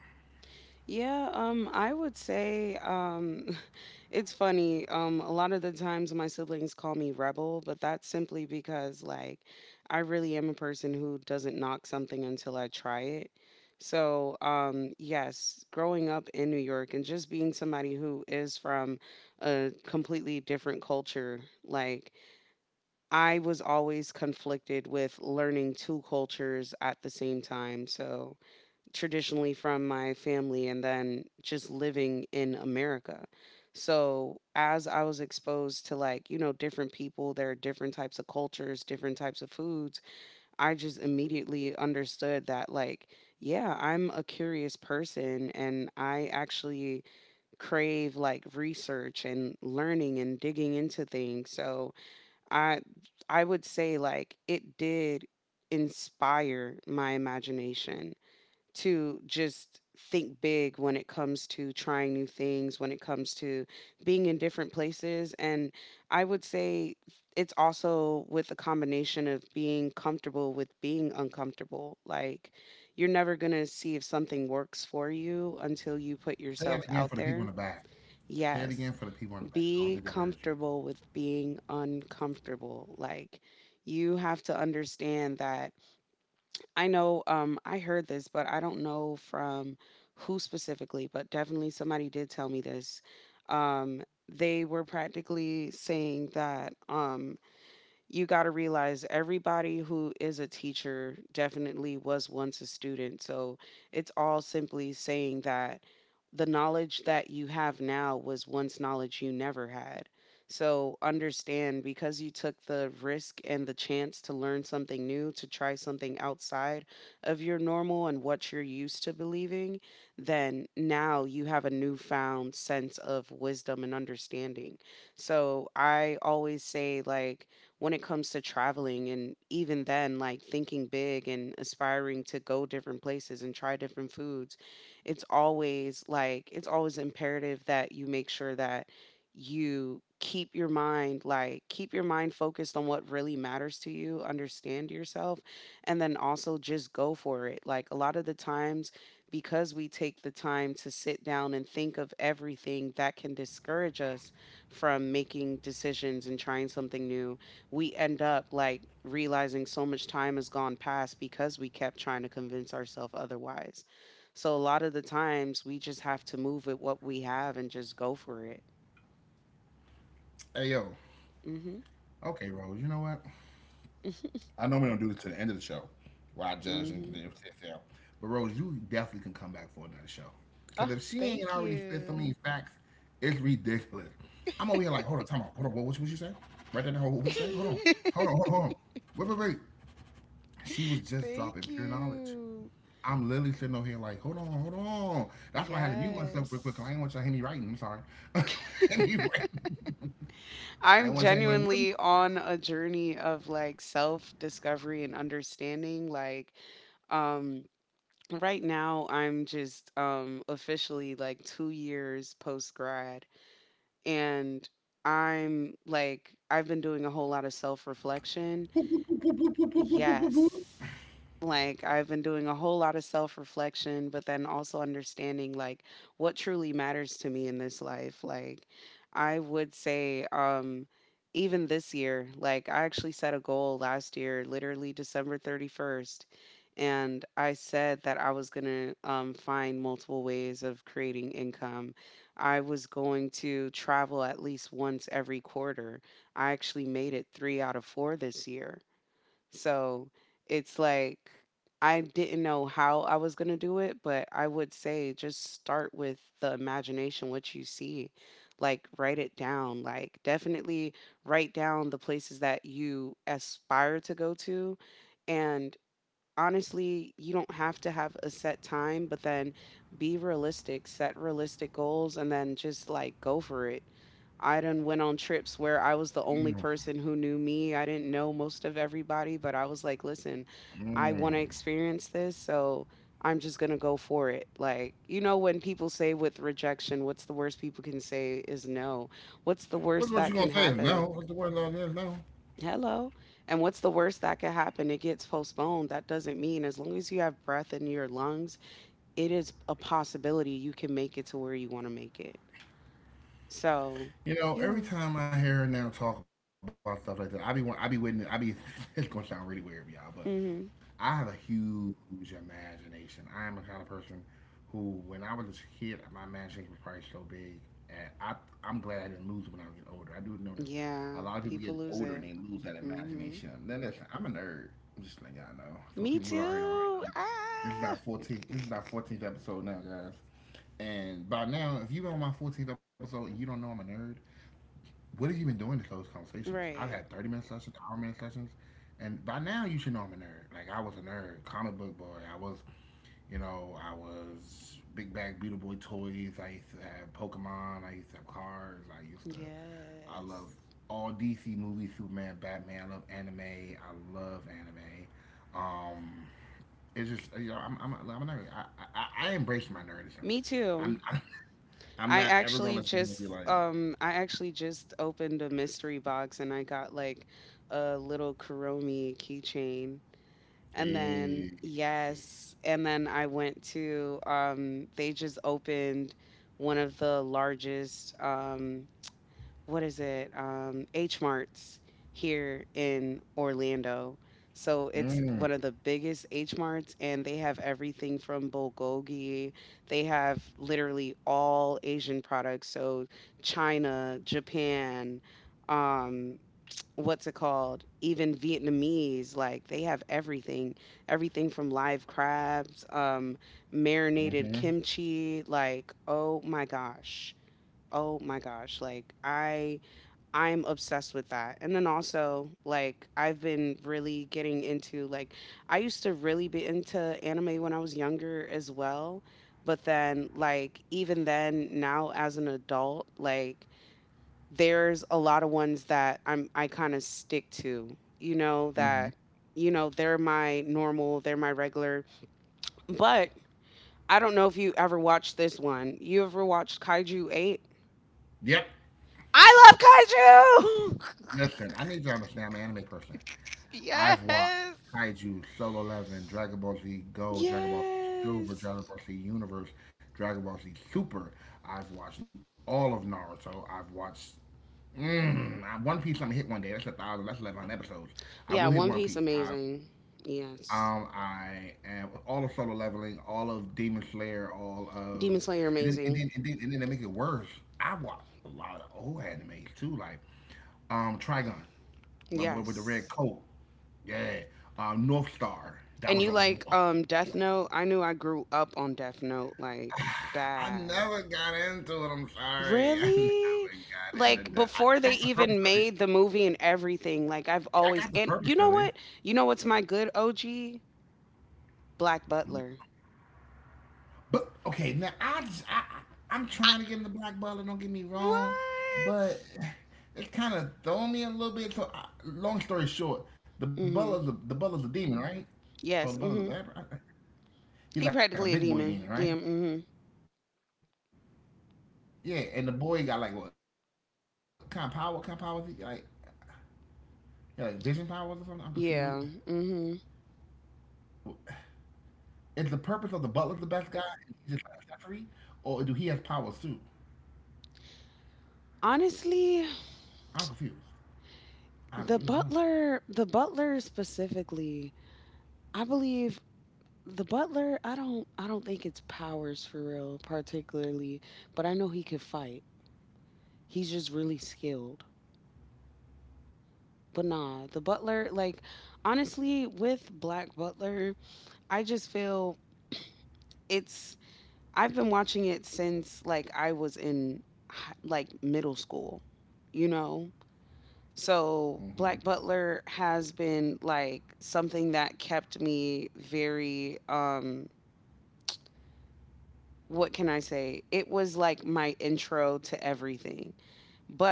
Speaker 2: Yeah, I would say it's funny. A lot of the times my siblings call me rebel, but that's simply because like I really am a person who doesn't knock something until I try it. So, yes, growing up in New York and just being somebody who is from a completely different culture, like I was always conflicted with learning two cultures at the same time. So, traditionally from my family and then just living in America. So as I was exposed to like, you know, different people, there are different types of cultures, different types of foods, I just immediately understood that like, yeah, I'm a curious person and I actually crave like research and learning and digging into things. So I I would say like it did inspire my imagination to just think big when it comes to trying new things, when it comes to being in different places. And I would say it's also with a combination of being comfortable with being uncomfortable. Like, you're never going to see if something works for you until you put yourself
Speaker 1: Say that
Speaker 2: out
Speaker 1: again for the
Speaker 2: there.
Speaker 1: people in the back. Say it
Speaker 2: Yes,
Speaker 1: again for the people in the back.
Speaker 2: be
Speaker 1: I don't think they heard you.
Speaker 2: comfortable with being uncomfortable. Like, you have to understand that I know I heard this, but I don't know from who specifically, but definitely somebody did tell me this. Um they were practically saying that you got to realize everybody who is a teacher definitely was once a student. So it's all simply saying that the knowledge that you have now was once knowledge you never had. So understand, because you took the risk and the chance to learn something new, to try something outside of your normal and what you're used to believing, then now you have a newfound sense of wisdom and understanding. So I always say, like, when it comes to traveling. And even then, like thinking big and aspiring to go different places and try different foods, it's always like, it's always imperative that you make sure that you keep your mind, like keep your mind focused on what really matters, to you understand yourself, and then also just go for it. Like a lot of the times, because we take the time to sit down and think of everything that can discourage us from making decisions and trying something new, we end up like realizing so much time has gone past because we kept trying to convince ourselves otherwise. So a lot of the times we just have to move with what we have and just go for it.
Speaker 1: Hey yo,
Speaker 2: Mhm.
Speaker 1: okay, Rose. You know what? I normally don't do this to the end of the show where I judge and do
Speaker 2: Mhm.
Speaker 1: sit down. But Rose, you definitely can come back for another show. Because
Speaker 2: Oh,
Speaker 1: if she ain't
Speaker 2: thank
Speaker 1: already spit so
Speaker 2: you.
Speaker 1: many facts, it's ridiculous. I'm over here like, hold on, time out. Hold on, what you say? Right there, hold, on. What you say? Hold on. Hold on, hold on, hold on. Wait, wait, wait. She was just dropping
Speaker 2: Thank
Speaker 1: pure knowledge.
Speaker 2: you.
Speaker 1: I'm literally sitting over here like, hold on, hold on. That's why I had to mute myself real quick. 'Cause
Speaker 2: Yes.
Speaker 1: I didn't want y'all to hear me writing. I'm sorry. I didn't want
Speaker 2: I'm
Speaker 1: y'all to be like, what?
Speaker 2: genuinely on a journey of like self discovery and understanding, like um right now, I'm just officially like 2 years post grad, and I'm like, I've been doing a whole lot of self reflection. Yes. Like I've been doing a whole lot of self-reflection, but then also understanding like what truly matters to me in this life. Like I would say even this year, like I actually set a goal last year, literally December 31st, and I said that I was going to find multiple ways of creating income. I was going to travel at least once every quarter. I actually made it 3 out of 4 this year. So it's like I didn't know how I was going to do it, but I would say just start with the imagination, what you see. Like, write it down. Like, definitely write down the places that you aspire to go to. And honestly, you don't have to have a set time, but then be realistic, set realistic goals, and then just like go for it. I done went on trips where I was the only person who knew me. I didn't know most of everybody, but I was like, listen,
Speaker 1: Mm,
Speaker 2: I
Speaker 1: mm.
Speaker 2: want to experience this, so I'm just gonna go for it. Like, you know, when people say with rejection, what's the worst people can say is no. What's the
Speaker 1: What
Speaker 2: worst
Speaker 1: what you
Speaker 2: that
Speaker 1: gonna
Speaker 2: can
Speaker 1: say is no?
Speaker 2: happen?
Speaker 1: What the word law is no?
Speaker 2: Hello. And what's the worst that could happen? It gets postponed. That doesn't mean, as long as you have breath in your lungs, it is a possibility you can make it to where you want to make it. So,
Speaker 1: You know, every
Speaker 2: yeah.
Speaker 1: time I hear her now talk about stuff like that, I be waiting. I be it's gonna sound really weird, y'all, but I
Speaker 2: Mhm.
Speaker 1: have a huge imagination. I am the kind of person who, when I was a kid, my imagination was probably so big, and I'm glad I didn't lose it when I get older. I do notice a
Speaker 2: Yeah,
Speaker 1: lot of people get
Speaker 2: people
Speaker 1: older
Speaker 2: lose
Speaker 1: and they
Speaker 2: it.
Speaker 1: lose that imagination.
Speaker 2: Mhm.
Speaker 1: Then listen, I'm a nerd. I'm just letting y'all know. For people
Speaker 2: Me
Speaker 1: who already know
Speaker 2: too.
Speaker 1: me, this is our
Speaker 2: Ah.
Speaker 1: 14th. This is our 14th episode now, guys. And by now, if you've been on my 14th episode and you don't know I'm a nerd, what have you been doing to those conversations? I've had
Speaker 2: Right.
Speaker 1: 30-minute minute sessions, hour minute sessions, and by now you should know I'm a nerd. Like I was a nerd, comic book boy. I was, I was big bag beauty boy toys. I used to have Pokemon. I used to have cards. I used to. I love
Speaker 2: Yes.
Speaker 1: all DC movies, Superman, Batman. I love anime. I love anime. Um, it's just I'm a nerd. I embrace my nerdism.
Speaker 2: Me too.
Speaker 1: I'm I'm
Speaker 2: I
Speaker 1: not ever gonna
Speaker 2: actually
Speaker 1: sit here and
Speaker 2: just
Speaker 1: be like,
Speaker 2: um I actually just opened a mystery box and I got like a little Kuromi keychain. And then
Speaker 1: hey,
Speaker 2: yes, and then I went to they just opened one of the largest what is it? H Marts here in Orlando. So it's
Speaker 1: mm,
Speaker 2: one of the biggest H Marts, and they have everything from bulgogi. They have literally all Asian products. So China, Japan, um, what's it called? Even Vietnamese. Like they have everything, everything from live crabs,
Speaker 1: mm-hmm,
Speaker 2: marinated kimchi. Like oh my gosh, oh my gosh! Like I'm obsessed with that. And then also, like, I've been really getting into, like, I used to really be into anime when I was younger as well. But then, like, even then, now as an adult, like, there's a lot of ones that I kind of stick to, you know,
Speaker 1: mm-hmm.
Speaker 2: that, they're my normal, they're my regular. But I don't know if you ever watched this one. You ever watched Kaiju 8?
Speaker 1: Yep.
Speaker 2: I love Kaiju!
Speaker 1: Listen, I need you to understand I'm an anime person. I've watched
Speaker 2: Yes!
Speaker 1: Kaiju, Solo Eleven, Dragon Ball Z Go, Dragon Ball Z Silver,
Speaker 2: Yes.
Speaker 1: Dragon Ball Z Universe, Dragon Ball Z Super. I've watched all of Naruto. I've watched One Piece. I'm gonna hit one day. That's 1,000. That's 11 episodes. I will
Speaker 2: Yeah,
Speaker 1: hit One
Speaker 2: One
Speaker 1: Piece.
Speaker 2: Piece
Speaker 1: I've
Speaker 2: amazing. Yes.
Speaker 1: I am all of Solo Leveling, all of Demon Slayer, all of
Speaker 2: Demon Slayer
Speaker 1: and then and
Speaker 2: amazing.
Speaker 1: then and then and then to make it worse, I watch a lot of old animes too, like Trigun, my boy with the red
Speaker 2: Yes.
Speaker 1: coat, yeah, North Star. That
Speaker 2: And
Speaker 1: was
Speaker 2: you
Speaker 1: a
Speaker 2: like Death Note? I knew I grew up on Death Note like
Speaker 1: I
Speaker 2: bad.
Speaker 1: never got into it. I'm sorry, I never
Speaker 2: Really?
Speaker 1: got into
Speaker 2: Like
Speaker 1: that. I,
Speaker 2: before
Speaker 1: I
Speaker 2: they
Speaker 1: got the purpose
Speaker 2: even
Speaker 1: of it.
Speaker 2: made the movie and everything, like I've
Speaker 1: Yeah, I
Speaker 2: always
Speaker 1: got the
Speaker 2: and you
Speaker 1: purpose
Speaker 2: know
Speaker 1: of it.
Speaker 2: what? You know what's my good OG? Black Butler.
Speaker 1: But okay, now I just I- I'm
Speaker 2: I,
Speaker 1: trying to give him the black butler. Don't get me wrong,
Speaker 2: what?
Speaker 1: but it kind of thrown me a little bit. So, I, long story short, the butler's a, the
Speaker 2: Mhm.
Speaker 1: butler's a demon, right? Oh, the butler's
Speaker 2: Yes,
Speaker 1: a bad.
Speaker 2: mhm.
Speaker 1: He's like a
Speaker 2: He
Speaker 1: big boy
Speaker 2: practically a
Speaker 1: demon, right?
Speaker 2: demon. Yeah, mhm.
Speaker 1: Yeah, and the boy got like what kind of power? What kind of powers? He like vision powers or something? I'm confused with it.
Speaker 2: Yeah, mhm.
Speaker 1: Is the purpose of the butler the best guy? And he's just an accessory, or do he has powers too? I'm confused.
Speaker 2: Honestly,
Speaker 1: I really don't know.
Speaker 2: the butler, the butler specifically, I believe the butler, I don't think it's powers for real particularly, but I know he could fight. He's just really skilled. But nah, the butler like honestly with Black Butler, I just feel it's I've been watching it since like I was in like middle school, you know. So Black Butler has been like something that kept me very what can I say? It was like my intro to everything.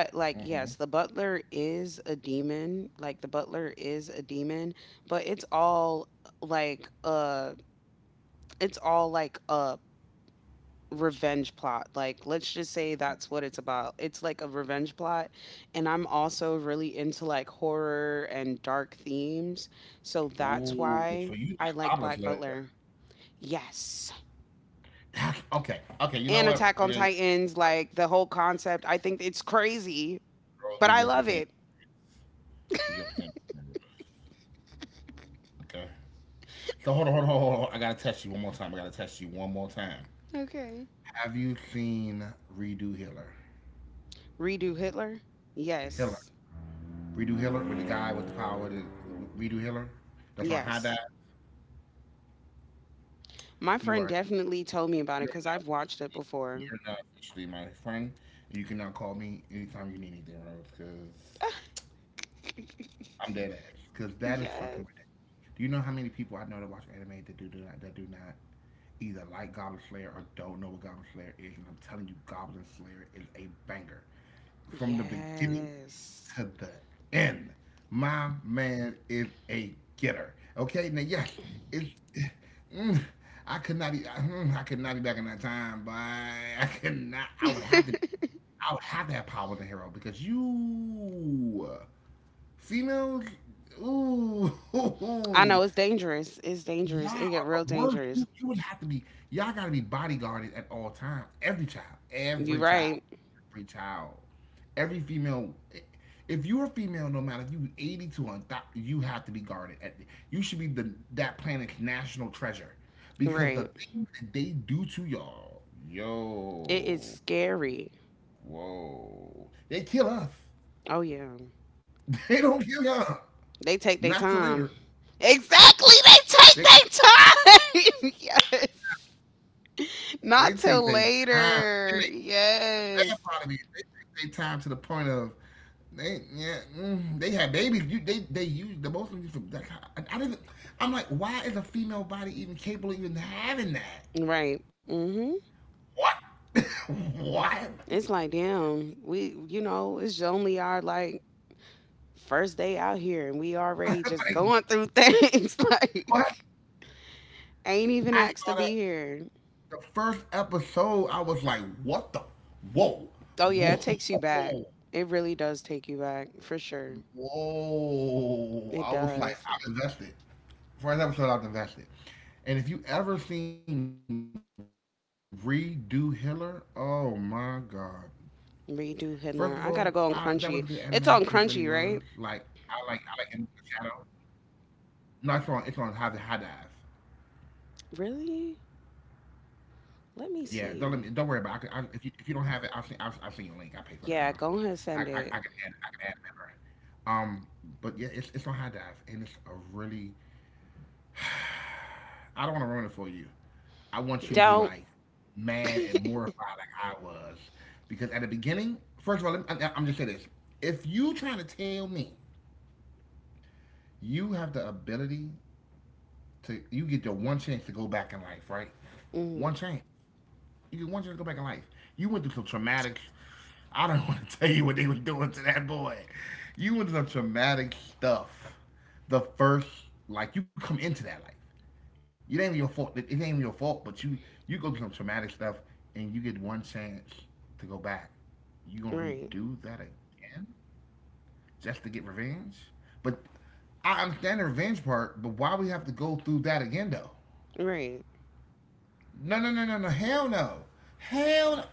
Speaker 1: Hmm, hmm.
Speaker 2: like yes, the butler is a demon. Like the butler is a demon, but it's all like it's all like a revenge plot. Like, let's just say that's what it's about. It's like a revenge plot. And I'm also really into like horror and dark themes. So that's
Speaker 1: Ooh,
Speaker 2: why
Speaker 1: so you
Speaker 2: I
Speaker 1: like
Speaker 2: like Black
Speaker 1: goblin.
Speaker 2: Butler. Yes.
Speaker 1: Okay, okay. You know
Speaker 2: And
Speaker 1: what?
Speaker 2: Attack on
Speaker 1: Okay,
Speaker 2: Titans, like the whole concept. I think it's crazy,
Speaker 1: bros,
Speaker 2: but
Speaker 1: we
Speaker 2: I
Speaker 1: just
Speaker 2: love
Speaker 1: became,
Speaker 2: it.
Speaker 1: we just became. Okay. So hold on, hold on, hold on. Hold on. I gotta test you one more time. I gotta test you one more time.
Speaker 2: Okay.
Speaker 1: Have you seen Redo Hiller?
Speaker 2: Redo Hitler?
Speaker 1: Hiller,
Speaker 2: Yes.
Speaker 1: Redo Hiller, with the guy with the power, the Redo Hiller. That's on high dive.
Speaker 2: Yes. My
Speaker 1: You
Speaker 2: friend
Speaker 1: are,
Speaker 2: definitely told me about it
Speaker 1: you're
Speaker 2: because
Speaker 1: now,
Speaker 2: I've watched it before.
Speaker 1: you're now officially my friend. You can now call me anytime you need anything, Rose, because I'm dead ass. Because that is fucking ridiculous.
Speaker 2: Yes.
Speaker 1: Do you know how many people I know that watch anime that do not either like Goblin Slayer or don't know what Goblin Slayer is, and I'm telling you, Goblin Slayer is a banger. From the beginning
Speaker 2: Yes.
Speaker 1: to the end, my man is a getter. Okay, now yes, it's. Mm, I could not be. I could not be back in that time, but I could not. I would have to. I would have to have power as hero because you females. Ooh, ooh,
Speaker 2: I
Speaker 1: ooh,
Speaker 2: know it's dangerous. It's
Speaker 1: y'all
Speaker 2: dangerous. It get
Speaker 1: are
Speaker 2: real
Speaker 1: the worst.
Speaker 2: dangerous.
Speaker 1: You would have to be. Y'all got to be bodyguarded at all times. Every child.
Speaker 2: You
Speaker 1: Every child.
Speaker 2: right.
Speaker 1: Every child. Every female. If you're a female, no matter if you 80 to 1,000, you have to be guarded. At, you should be the that planet's national treasure. Because the
Speaker 2: Right.
Speaker 1: things that they do to y'all,
Speaker 2: It is
Speaker 1: yo,
Speaker 2: scary.
Speaker 1: whoa. They kill us.
Speaker 2: Oh yeah.
Speaker 1: They don't kill y'all.
Speaker 2: They take their
Speaker 1: Not till
Speaker 2: time.
Speaker 1: later.
Speaker 2: Exactly. They take
Speaker 1: They
Speaker 2: their time. Yes.
Speaker 1: they
Speaker 2: Not
Speaker 1: take
Speaker 2: till
Speaker 1: their time. And then
Speaker 2: later. Yes.
Speaker 1: bad part of me. Is they take their time to the point of they yeah they had babies. You, they use the most. Of you for- Like, I didn't. I'm like, why is a female body even capable of even having that?
Speaker 2: Right. Mhm.
Speaker 1: What? What?
Speaker 2: It's like damn. We it's only our like first day out here and we already just
Speaker 1: Like,
Speaker 2: going through things like
Speaker 1: what?
Speaker 2: ain't even
Speaker 1: I
Speaker 2: asked
Speaker 1: saw
Speaker 2: to
Speaker 1: that
Speaker 2: be here.
Speaker 1: the first episode. I was like, what the? Whoa,
Speaker 2: Oh yeah, it takes you back.
Speaker 1: whoa,
Speaker 2: It really does take you back for sure.
Speaker 1: whoa!
Speaker 2: It
Speaker 1: I was like,
Speaker 2: does.
Speaker 1: I'm invested. First episode, I was invested. And if you ever seen Redo Hiller, oh my god, first of all, I, that was a
Speaker 2: Redo
Speaker 1: good
Speaker 2: Hitler. I
Speaker 1: anime.
Speaker 2: gotta
Speaker 1: It
Speaker 2: go on
Speaker 1: really was.
Speaker 2: Crunchy.
Speaker 1: Like
Speaker 2: It's on
Speaker 1: I like
Speaker 2: Crunchy,
Speaker 1: I like
Speaker 2: right?
Speaker 1: Enemy of the Shadow. No, it's on High Dive.
Speaker 2: Really?
Speaker 1: Yeah,
Speaker 2: Let
Speaker 1: don't let
Speaker 2: me
Speaker 1: me, don't worry about.
Speaker 2: see.
Speaker 1: It. I, if you don't have it, I'll send you a link. I pay for it every month.
Speaker 2: Yeah, go ahead and send it.
Speaker 1: I can add a member. Um, but yeah, it's on High Dive, and it's a really. I don't want to ruin it for you. I want you to be
Speaker 2: Don't.
Speaker 1: like mad and mortified like I was, because at the beginning, first of all, let me, I, I'm just say this: if you trying to tell me you have the ability to you get your one chance to go back in life, right? One
Speaker 2: Mhm.
Speaker 1: chance. You get one chance to go back in life. You went through some traumatic. I don't want to tell you what they were doing to that boy. You went through some traumatic stuff. The first, like you come into that life. It ain't even your fault. It ain't even your fault, but you go through some traumatic stuff, and you get one chance to go back. You gonna
Speaker 2: Right.
Speaker 1: redo that again just to get revenge? But I understand the revenge part, but why we have to go through that again though?
Speaker 2: Right.
Speaker 1: No, no, no, no, no. Hell no. Hell no.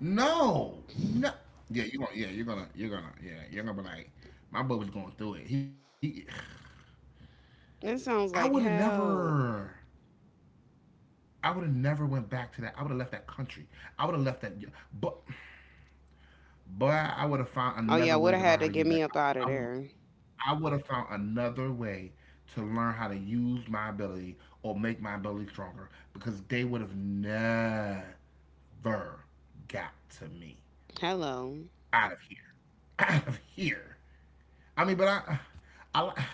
Speaker 1: No. No. Yeah, you gonna. Yeah, you're gonna. You're gonna. Yeah, you're gonna be like, my boy was going through it. He.
Speaker 2: That
Speaker 1: I would have
Speaker 2: sounds like hell.
Speaker 1: never. I would have never went back to that. I would have left that country. I would have left that. But, but I would have found
Speaker 2: Oh yeah,
Speaker 1: another
Speaker 2: would
Speaker 1: way
Speaker 2: have
Speaker 1: to learn
Speaker 2: had
Speaker 1: how
Speaker 2: to
Speaker 1: to
Speaker 2: get
Speaker 1: use that.
Speaker 2: me up out of
Speaker 1: I would.
Speaker 2: there.
Speaker 1: I would have found another way to learn how to use my ability or make my ability stronger because they would have never got to me.
Speaker 2: Hello.
Speaker 1: Out of here, out of here. I mean, but I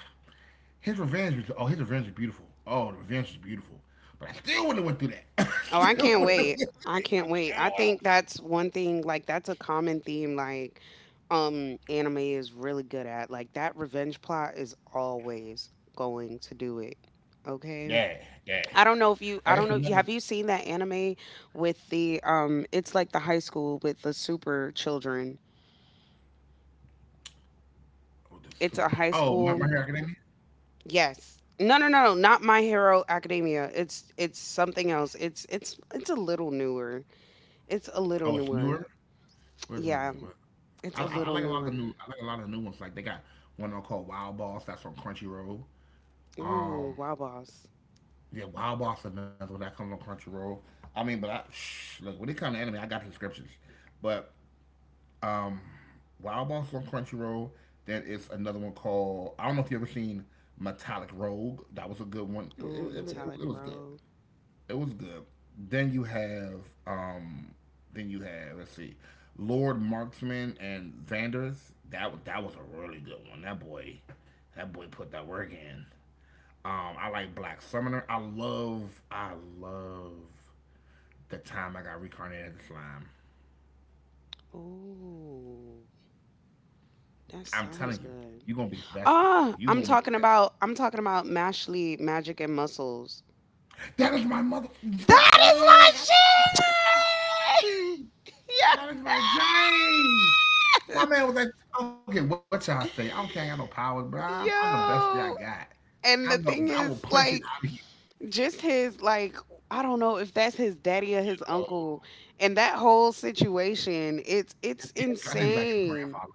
Speaker 1: his revenge was beautiful. Oh, the revenge was beautiful, but I still wouldn't have went through that.
Speaker 2: Oh, I
Speaker 1: still
Speaker 2: can't
Speaker 1: wouldn't have
Speaker 2: wait.
Speaker 1: went through
Speaker 2: I can't wait. I
Speaker 1: that.
Speaker 2: think that's one thing like that's a common theme like anime is really good at. Like that revenge plot is always going to do it. Okay?
Speaker 1: Yeah, yeah.
Speaker 2: I don't know if you I
Speaker 1: Like that's
Speaker 2: don't know
Speaker 1: another.
Speaker 2: have you seen that anime with the it's like the high school with the super children.
Speaker 1: Oh, the
Speaker 2: It's a
Speaker 1: super.
Speaker 2: high
Speaker 1: Oh, my,
Speaker 2: school.
Speaker 1: my hair academy.
Speaker 2: Yes. No, no, no, no, not My Hero Academia. It's something else. It's a little newer. It's a little
Speaker 1: Oh, it's
Speaker 2: newer.
Speaker 1: newer. Where's was
Speaker 2: Yeah.
Speaker 1: it? What?
Speaker 2: It's a
Speaker 1: I
Speaker 2: little
Speaker 1: like a lot of the
Speaker 2: newer.
Speaker 1: new. I like a lot of the new ones. Like they got one on called Wild Boss. That's on Crunchyroll.
Speaker 2: Ooh,
Speaker 1: Um,
Speaker 2: Wawa's.
Speaker 1: yeah, Wild Boss is another one that comes on Crunchyroll. I mean, but I shh, look, when it comes to anime, I got the subscriptions. But Um, Wild Boss is on Crunchyroll. Then it's another one called, I don't know if you ever seen Metallic Rogue. That was a good one. It,
Speaker 2: Ooh,
Speaker 1: it, it, was- it
Speaker 2: metallic
Speaker 1: was good.
Speaker 2: road.
Speaker 1: It was good. Then you have then you have let's see, Lord Marksman and Vanders. That that was a really good one. That boy put that work in. I like Black Summoner. I love the time I got reincarnated as a slime.
Speaker 2: Ooh, that
Speaker 1: I'm telling you,
Speaker 2: sounds good.
Speaker 1: you're gonna be invested.
Speaker 2: Ah,
Speaker 1: You're
Speaker 2: I'm
Speaker 1: gonna be
Speaker 2: talking about I'm talking about Mashley Magic and Muscles.
Speaker 1: That is my mother.
Speaker 2: That
Speaker 1: Hey,
Speaker 2: is my shit. Yeah.
Speaker 1: that is my James. My man was like, I don't care what y'all say. I don't care. I got no powers, bro. I'm the best that I
Speaker 2: Yo.
Speaker 1: got. I'm
Speaker 2: And
Speaker 1: the.
Speaker 2: the
Speaker 1: I
Speaker 2: thing
Speaker 1: will
Speaker 2: is,
Speaker 1: punch it out
Speaker 2: like,
Speaker 1: of you.
Speaker 2: just his, like, I don't know if that's his daddy or his
Speaker 1: Uh,
Speaker 2: uncle, and that whole situation, it's
Speaker 1: yeah, I think like his
Speaker 2: insane.
Speaker 1: grandfather.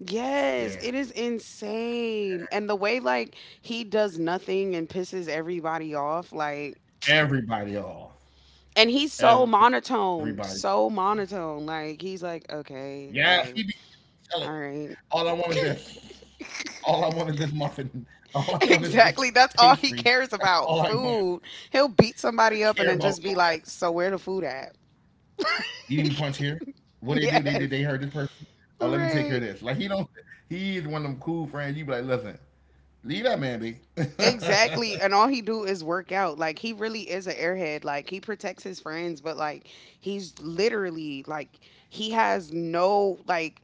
Speaker 2: Yes,
Speaker 1: Yeah.
Speaker 2: it is insane. And the way like he does nothing and pisses everybody off, like
Speaker 1: Everybody off.
Speaker 2: and he's so
Speaker 1: Everybody.
Speaker 2: monotone, so monotone. Like he's like,
Speaker 1: Yeah, he
Speaker 2: okay,
Speaker 1: be
Speaker 2: like,
Speaker 1: telling.
Speaker 2: all
Speaker 1: All I
Speaker 2: right.
Speaker 1: want is this. All I want is this muffin. All I want is this
Speaker 2: Exactly. That's all he
Speaker 1: pastry.
Speaker 2: cares
Speaker 1: That's
Speaker 2: about.
Speaker 1: all I want.
Speaker 2: Food. He'll beat
Speaker 1: I
Speaker 2: somebody
Speaker 1: don't
Speaker 2: up and
Speaker 1: care
Speaker 2: then
Speaker 1: about.
Speaker 2: just be like, so where the food at?
Speaker 1: You need me punch here. What they do? They
Speaker 2: Yes.
Speaker 1: did. They hurt this person. Oh, let me take care of
Speaker 2: Right.
Speaker 1: this. Like he don't. He is one of them cool friends. You be like, listen, leave that man be.
Speaker 2: Exactly, and all he do is work out. Like he really is an airhead. Like he protects his friends, but like he's literally like he has no like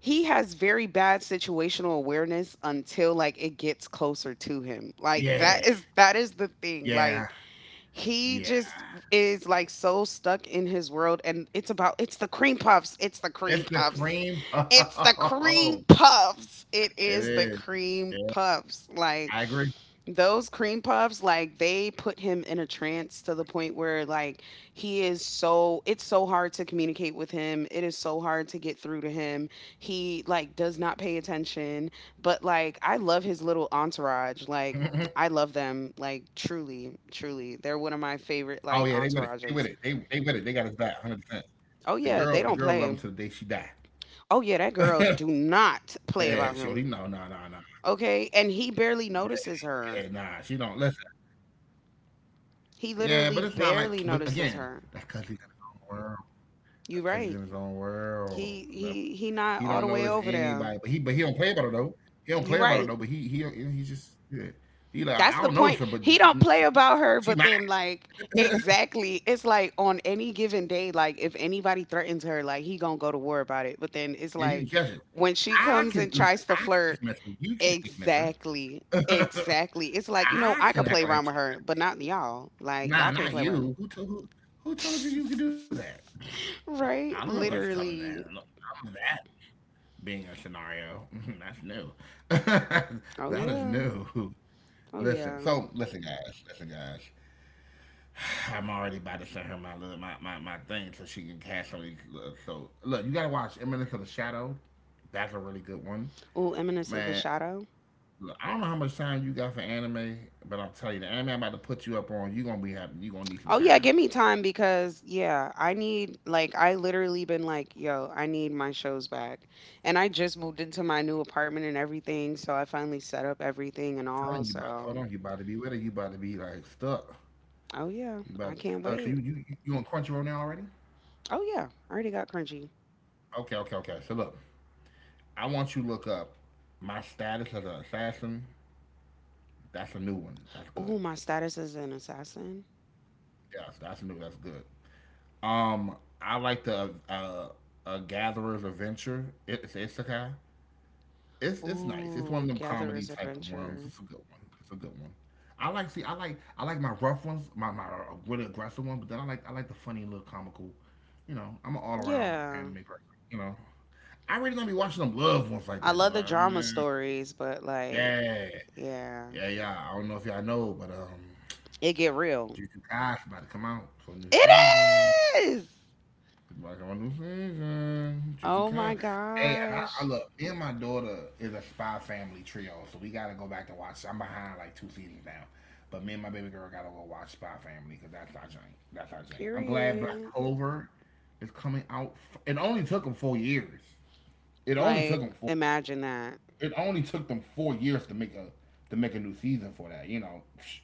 Speaker 2: he has very bad situational awareness until like it gets closer to him. Like
Speaker 1: Yeah,
Speaker 2: that is the thing.
Speaker 1: yeah,
Speaker 2: Like he
Speaker 1: yeah.
Speaker 2: just is like so stuck in his world and it's about it's the cream puffs. It's the cream
Speaker 1: It's the
Speaker 2: puffs.
Speaker 1: cream.
Speaker 2: It's the cream
Speaker 1: Oh,
Speaker 2: puffs. It
Speaker 1: it
Speaker 2: is the
Speaker 1: is.
Speaker 2: cream
Speaker 1: Yeah,
Speaker 2: puffs. Like
Speaker 1: I agree.
Speaker 2: those cream puffs, like they put him in a trance to the point where like he is so it's so hard to communicate with him. It is so hard to get through to him. He like does not pay attention, but like I love his little
Speaker 1: Mhm.
Speaker 2: entourage. Like I love them like truly, truly. They're one of my
Speaker 1: Oh yeah,
Speaker 2: favorite
Speaker 1: they with
Speaker 2: like
Speaker 1: it. They with it. They
Speaker 2: entourages.
Speaker 1: they with it. They got his back, 100%.
Speaker 2: Oh
Speaker 1: The
Speaker 2: yeah,
Speaker 1: girl,
Speaker 2: they
Speaker 1: the
Speaker 2: don't
Speaker 1: girl, love him
Speaker 2: play.
Speaker 1: to the day she die.
Speaker 2: Oh yeah, that girl do not play
Speaker 1: Yeah, she. Oh,
Speaker 2: about
Speaker 1: he. No,
Speaker 2: him.
Speaker 1: no, no, no.
Speaker 2: Okay? And he barely
Speaker 1: Yeah,
Speaker 2: notices
Speaker 1: yeah,
Speaker 2: her.
Speaker 1: nah, she don't listen.
Speaker 2: He
Speaker 1: Yeah,
Speaker 2: literally
Speaker 1: but it's not like.
Speaker 2: barely
Speaker 1: But
Speaker 2: notices
Speaker 1: again,
Speaker 2: her.
Speaker 1: that's because he's in his own world.
Speaker 2: You
Speaker 1: Cause he's
Speaker 2: right.
Speaker 1: in his own world. Like,
Speaker 2: He not
Speaker 1: he
Speaker 2: all
Speaker 1: don't
Speaker 2: the way
Speaker 1: notice
Speaker 2: over there.
Speaker 1: anybody, but he don't play about it though. He don't
Speaker 2: You
Speaker 1: play about it
Speaker 2: right.
Speaker 1: though. But he just yeah. He like,
Speaker 2: That's
Speaker 1: I
Speaker 2: the
Speaker 1: don't notice
Speaker 2: point.
Speaker 1: her, but
Speaker 2: He don't
Speaker 1: mm,
Speaker 2: play
Speaker 1: she,
Speaker 2: about her,
Speaker 1: she
Speaker 2: but
Speaker 1: mine.
Speaker 2: then like
Speaker 1: Yeah,
Speaker 2: exactly, it's like on any given day, like if anybody threatens her, like he gonna go to war about it. But then it's
Speaker 1: you
Speaker 2: like
Speaker 1: can catch it.
Speaker 2: when she
Speaker 1: I
Speaker 2: comes
Speaker 1: can
Speaker 2: and
Speaker 1: listen.
Speaker 2: tries to
Speaker 1: I can
Speaker 2: flirt,
Speaker 1: dismiss her. You can't dismiss her.
Speaker 2: exactly, exactly. It's like you know
Speaker 1: I
Speaker 2: I
Speaker 1: can
Speaker 2: could play
Speaker 1: act like
Speaker 2: around
Speaker 1: she,
Speaker 2: with her, but not y'all. Like y'all
Speaker 1: nah,
Speaker 2: can't
Speaker 1: not
Speaker 2: play with her.
Speaker 1: you. Who told you you could do that? I don't
Speaker 2: Right?
Speaker 1: know what's telling that. I don't
Speaker 2: Literally.
Speaker 1: know that being a scenario. That's new.
Speaker 2: Oh
Speaker 1: That is
Speaker 2: yeah.
Speaker 1: new.
Speaker 2: Oh
Speaker 1: Listen,
Speaker 2: yeah.
Speaker 1: so listen, guys, listen, guys. I'm already about to send her my little my, my, my thing so she can cast some of these. So look, you gotta watch Eminence of the Shadow. That's a really good one,
Speaker 2: Oh, eminence of the
Speaker 1: man.
Speaker 2: shadow.
Speaker 1: Look, I don't know how much time you got for anime, but I'm telling you, the anime I'm about to put you up on, you gonna be happy. You gonna need some
Speaker 2: Oh yeah,
Speaker 1: time.
Speaker 2: give me time because yeah, I need like I literally been like, yo, I need my shows back. And I just moved into my new apartment and everything, so I finally set up everything and
Speaker 1: I'm
Speaker 2: all.
Speaker 1: telling you, about to
Speaker 2: So,
Speaker 1: hold on. You about to be with it. You about to be like stuck.
Speaker 2: oh yeah,
Speaker 1: You about to
Speaker 2: I
Speaker 1: be
Speaker 2: can't
Speaker 1: stuck. So you
Speaker 2: wait.
Speaker 1: you you you on Crunchyroll now already?
Speaker 2: Oh yeah, I already got crunchy.
Speaker 1: Okay, okay, okay. So look, I want you to look up my status as an assassin. That's a new one. That's good.
Speaker 2: Oh, my status is an assassin.
Speaker 1: Yes, that's new. That's good. I like the a Gatherer's Adventure. It's isekai. It's nice. It's one of
Speaker 2: Oh,
Speaker 1: them comedy
Speaker 2: gatherer's
Speaker 1: type of ones.
Speaker 2: adventure.
Speaker 1: It's a good one. It's a good one. I like see. I like my rough ones. My really aggressive one. But then I like the funny little comical. You know, I'm an all around
Speaker 2: Yeah.
Speaker 1: anime person. You know, I really don't be watching them love ones like
Speaker 2: I
Speaker 1: that though.
Speaker 2: love the drama
Speaker 1: Mm,
Speaker 2: stories, but like
Speaker 1: yeah,
Speaker 2: yeah,
Speaker 1: yeah, yeah. I don't know if y'all know, but
Speaker 2: it get real.
Speaker 1: Jujutsu Kaisen about to come out for a new season.
Speaker 2: It is.
Speaker 1: Back on my new season. Juju
Speaker 2: Oh my
Speaker 1: Khan. Hey, and I
Speaker 2: gosh.
Speaker 1: look, me and my daughter is a Spy Family trio, so we gotta go back to watch. I'm behind like two seasons now, but me and my baby girl gotta go watch Spy Family because that's our thing. That's our thing. I'm glad Black
Speaker 2: Period.
Speaker 1: Clover is coming out. It only took them 4 years. It only took
Speaker 2: Like,
Speaker 1: them four.
Speaker 2: imagine that.
Speaker 1: It only took them 4 years to make a new season for that. You know, psh,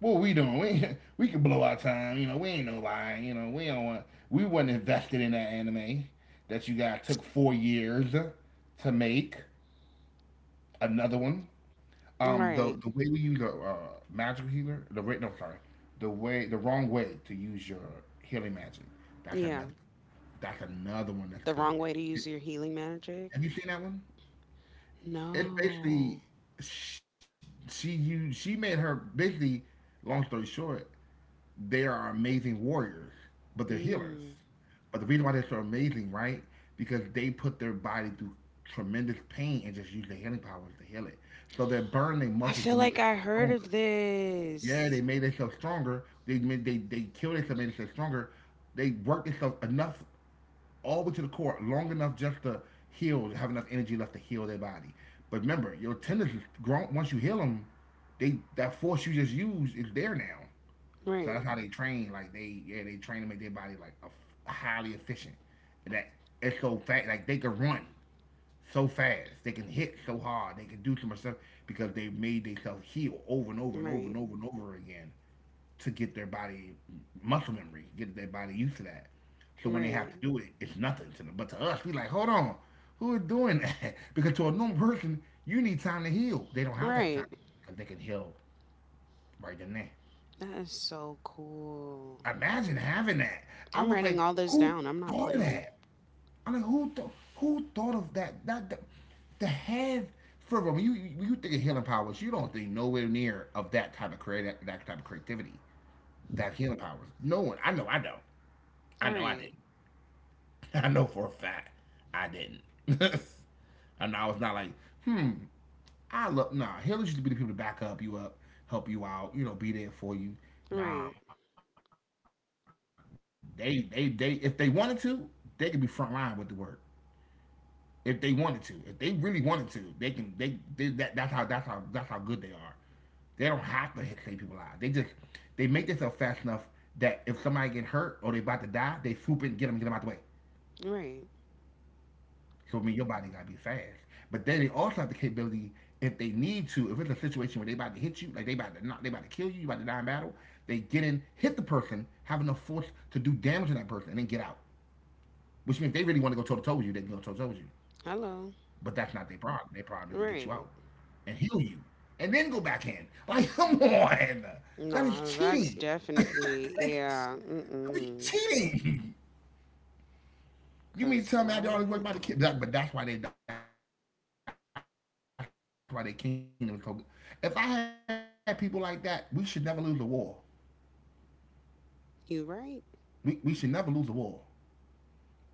Speaker 1: what we doing? We we could blow our time. You know, we ain't nobody. You know, we don't want. We wasn't invested in that anime that you guys took 4 years to make. Another one. The
Speaker 2: Right.
Speaker 1: the way we use the magical healer, the no, sorry, the way the wrong way to use your healing magic. That's
Speaker 2: Yeah.
Speaker 1: another. That's another one that's
Speaker 2: The
Speaker 1: good.
Speaker 2: wrong way to use your healing magic?
Speaker 1: Have you seen that one? It's
Speaker 2: No.
Speaker 1: basically she made her basically. Long story short, they are amazing warriors, but they're healers.
Speaker 2: Mm.
Speaker 1: But the reason why they're so amazing, right? Because they put their body through tremendous pain and just use their healing powers to heal it. So they burn their
Speaker 2: I
Speaker 1: muscles
Speaker 2: feel
Speaker 1: to make
Speaker 2: like I
Speaker 1: themselves
Speaker 2: heard
Speaker 1: stronger.
Speaker 2: of
Speaker 1: Yeah,
Speaker 2: this.
Speaker 1: they made themselves stronger. They made they killed themselves, made themselves stronger. They worked themselves enough all the way to the core, long enough just to heal, to have enough energy left to heal their body. But remember, your tendons is, once you heal them, they that force you just used is there now. So that's
Speaker 2: Right.
Speaker 1: how they train. Like they, yeah, they train to make their body like a, highly efficient. And that it's so fast. Like they can run so fast. They can hit so hard. They can do so much stuff because they've made themselves heal over and over and over
Speaker 2: Right.
Speaker 1: and over and over again to get their body muscle memory, get their body used to that. So when they have
Speaker 2: Right.
Speaker 1: to do it, it's nothing to them. But to us, we like, hold on, who is doing that? Because to a normal person, you need time to heal. They don't have to have time
Speaker 2: Right.
Speaker 1: to heal because they can heal right then and there.
Speaker 2: That is so cool.
Speaker 1: Imagine having that. I
Speaker 2: I'm
Speaker 1: was
Speaker 2: writing
Speaker 1: like,
Speaker 2: all this
Speaker 1: who
Speaker 2: down. I'm not
Speaker 1: thought of
Speaker 2: playing.
Speaker 1: that? I'm like, who thought of that? To have, for real, when you think of healing powers, you don't think nowhere near of that type of creative that type of creativity. To have healing powers, no one. I know. I know.
Speaker 2: All
Speaker 1: I know. I
Speaker 2: right.
Speaker 1: didn't. I know for a fact I didn't. And I was not like, hmm. I love, nah. Healers used to be the people to back up you up, help you out, you know, be there for you. Nah,
Speaker 2: Right.
Speaker 1: they if they wanted to, they could be front line with the work. If they wanted to, if they really wanted to, they can. They That's how good they are. They don't have to hit save people out. They make themselves fast enough that if somebody get hurt or they about to die, they swoop in, get them, and get them out the way.
Speaker 2: Right.
Speaker 1: So it mean your body gotta be fast. But then they also have the capability if they need to, if it's a situation where they about to hit you, like they about to knock, they about to kill you, you about to die in battle, they get in, hit the person, have enough force to do damage to that person, and then get out. Which means if they really want to go toe to toe with you, they can go toe to toe with you.
Speaker 2: Hello.
Speaker 1: But that's not their problem. Their problem is to get you out
Speaker 2: Right.
Speaker 1: and heal you, and then go back in. Like, come on, that is
Speaker 2: No, that's
Speaker 1: cheating. that,
Speaker 2: definitely yeah.
Speaker 1: is, that is
Speaker 2: Mm-mm.
Speaker 1: cheating.
Speaker 2: Cause
Speaker 1: You mean tell me I
Speaker 2: what?
Speaker 1: do all this work about the kid? But that's why they kingdom is called. If I had people like that, we should never lose a war. We should never lose a war,
Speaker 2: You right.
Speaker 1: ever. I got people that can heal my best people,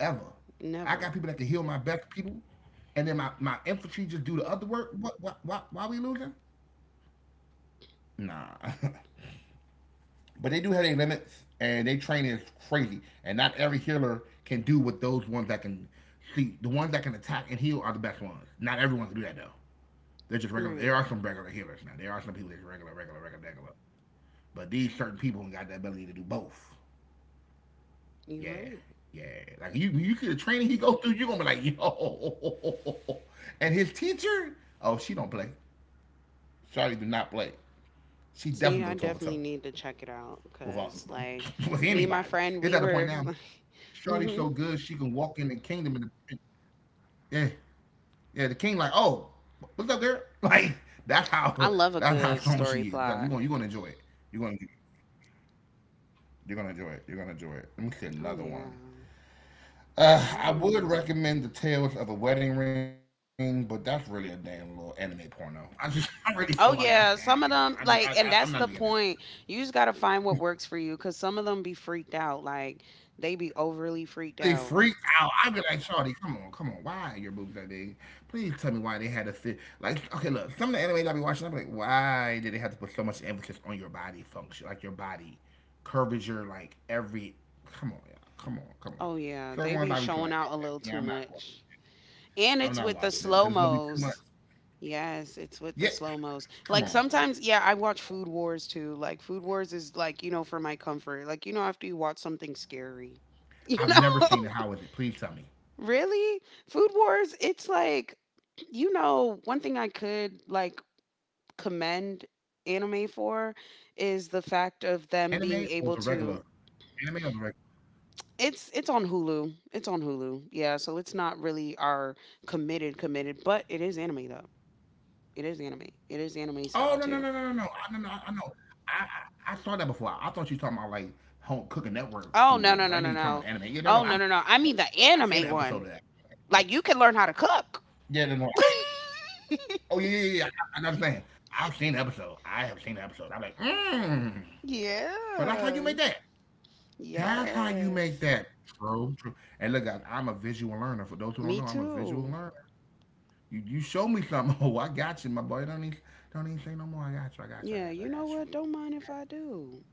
Speaker 1: and then my,
Speaker 2: Never.
Speaker 1: my infantry just do the other work. Why we losing? Nah. But they do have their limits, and they training is crazy. And not every healer can do what those ones that can see, the ones that can attack and heal are the best ones. Not everyone can do that though. They're just regular. There are some regular
Speaker 2: Right.
Speaker 1: healers now. There are some people that's regular, regular, regular, regular. But these certain people got the ability to do both. Yeah,
Speaker 2: You're right.
Speaker 1: yeah. Like you see the training he go through, you are gonna be like, yo. And his teacher, oh, she don't play. Charlie do not play. She
Speaker 2: See, I
Speaker 1: definitely go toe for
Speaker 2: definitely
Speaker 1: toe
Speaker 2: need to check it out
Speaker 1: with all,
Speaker 2: because, like,
Speaker 1: with
Speaker 2: me and my
Speaker 1: anybody.
Speaker 2: friend,
Speaker 1: It's
Speaker 2: we
Speaker 1: at the point
Speaker 2: were.
Speaker 1: now. Charlie's
Speaker 2: Hmm.
Speaker 1: so good she can walk in the kingdom and yeah, yeah, the king like, oh, what's up, girl? Like that's
Speaker 2: I
Speaker 1: how
Speaker 2: love a
Speaker 1: that's
Speaker 2: good
Speaker 1: how strong
Speaker 2: story
Speaker 1: she is.
Speaker 2: plot.
Speaker 1: Like, you gonna enjoy it. You're gonna you're gonna enjoy it. You're gonna enjoy it. Let me see
Speaker 2: Oh,
Speaker 1: another
Speaker 2: yeah.
Speaker 1: one. I would
Speaker 2: Ooh.
Speaker 1: recommend the Tales of a Wedding Ring, but that's really a damn little anime porno. I just I really feel like that's an anime
Speaker 2: Oh,
Speaker 1: porno. I just
Speaker 2: yeah. Some
Speaker 1: I
Speaker 2: of
Speaker 1: I'm
Speaker 2: them,
Speaker 1: not digging it.
Speaker 2: like, and that's the point. You just got to find what works for you because some of them be freaked out. Like, they be overly
Speaker 1: They
Speaker 2: freaked out.
Speaker 1: freaked out. I'd be like, Shawty, come on, come on. Why are your boobs that big? Please tell me why they had to fit. Like, okay, look, some of the anime I be watching, I'm like, why did they have to put so much emphasis on your body function? Like, your body curvature, like, every. Come on, y'all. Come on, come
Speaker 2: Oh,
Speaker 1: on.
Speaker 2: yeah. They
Speaker 1: Certain
Speaker 2: be
Speaker 1: ones I be
Speaker 2: showing
Speaker 1: like,
Speaker 2: out a little
Speaker 1: okay,
Speaker 2: too
Speaker 1: yeah, I'm not
Speaker 2: much.
Speaker 1: watching.
Speaker 2: And it's with
Speaker 1: I'm
Speaker 2: the
Speaker 1: not
Speaker 2: slow
Speaker 1: watching that because it's going to be
Speaker 2: mos.
Speaker 1: too much.
Speaker 2: Yes, it's with the slow
Speaker 1: Yeah,
Speaker 2: mos. Like
Speaker 1: come on
Speaker 2: sometimes,
Speaker 1: now.
Speaker 2: yeah, I watch Food Wars too. Like Food Wars is like, you know, for my comfort. Like, you know, after you watch something
Speaker 1: I've never
Speaker 2: scary,
Speaker 1: seen it. How is
Speaker 2: you
Speaker 1: it? Please tell
Speaker 2: know?
Speaker 1: me.
Speaker 2: Really? Food Wars, it's like, you know, one thing I could like commend anime for is the fact of them
Speaker 1: Anime
Speaker 2: being
Speaker 1: or the
Speaker 2: able
Speaker 1: regular?
Speaker 2: to
Speaker 1: Anime or the regular?
Speaker 2: it's on Hulu. It's on Hulu. Yeah, so it's not really our committed, but it is anime though. It is anime. It is anime
Speaker 1: Oh
Speaker 2: style
Speaker 1: no no
Speaker 2: too.
Speaker 1: no no no no I- no no I I know I, I saw that before. I thought you were talking about like home cooking network
Speaker 2: Oh
Speaker 1: food
Speaker 2: no no
Speaker 1: wars.
Speaker 2: no
Speaker 1: I know
Speaker 2: no
Speaker 1: you talking about
Speaker 2: no.
Speaker 1: anime. Yeah no no
Speaker 2: Oh no
Speaker 1: I've
Speaker 2: no no. I mean the
Speaker 1: I've seen an
Speaker 2: anime
Speaker 1: episode of
Speaker 2: one.
Speaker 1: that. Yeah,
Speaker 2: Like you can learn how to cook.
Speaker 1: yeah no no. I've seen it. Oh yeah, I know what I'm saying. I've seen the episode. I have seen the episode. I'm like mmm. So that's how you make
Speaker 2: Yeah.
Speaker 1: that. That's how you make
Speaker 2: Yes.
Speaker 1: that. True. And look, guys, I'm a visual learner. For those who don't know,
Speaker 2: Me
Speaker 1: I'm a visual
Speaker 2: too.
Speaker 1: learner. You show me something. Oh, I got you, my boy. Don't even say no more. I got you. I got you. I
Speaker 2: Yeah,
Speaker 1: got you. I
Speaker 2: you know
Speaker 1: got you.
Speaker 2: what? Don't mind if I do.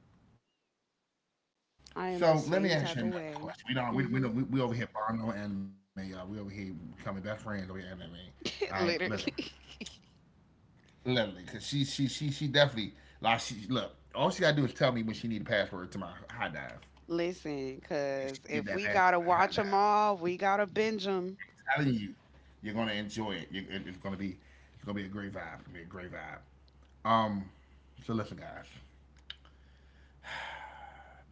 Speaker 2: I am the
Speaker 1: So let me
Speaker 2: same
Speaker 1: ask
Speaker 2: type
Speaker 1: you
Speaker 2: of
Speaker 1: another
Speaker 2: way.
Speaker 1: question. We don't. We know
Speaker 2: Mhm.
Speaker 1: we over here bond no anime, y'all. We over here becoming best friends over here anime. All right, listen,
Speaker 2: Literally.
Speaker 1: literally, cause she definitely like she look. All she gotta do is tell me when she need a password to my high dive,
Speaker 2: Listen,
Speaker 1: and
Speaker 2: cuz
Speaker 1: she get
Speaker 2: if
Speaker 1: that
Speaker 2: we got
Speaker 1: password
Speaker 2: to
Speaker 1: to high
Speaker 2: watch them
Speaker 1: dive.
Speaker 2: all, we got to binge them.
Speaker 1: I'm telling you, you're gonna enjoy it. It's gonna be a great vibe. It's gonna be a great vibe. Um, so listen, guys.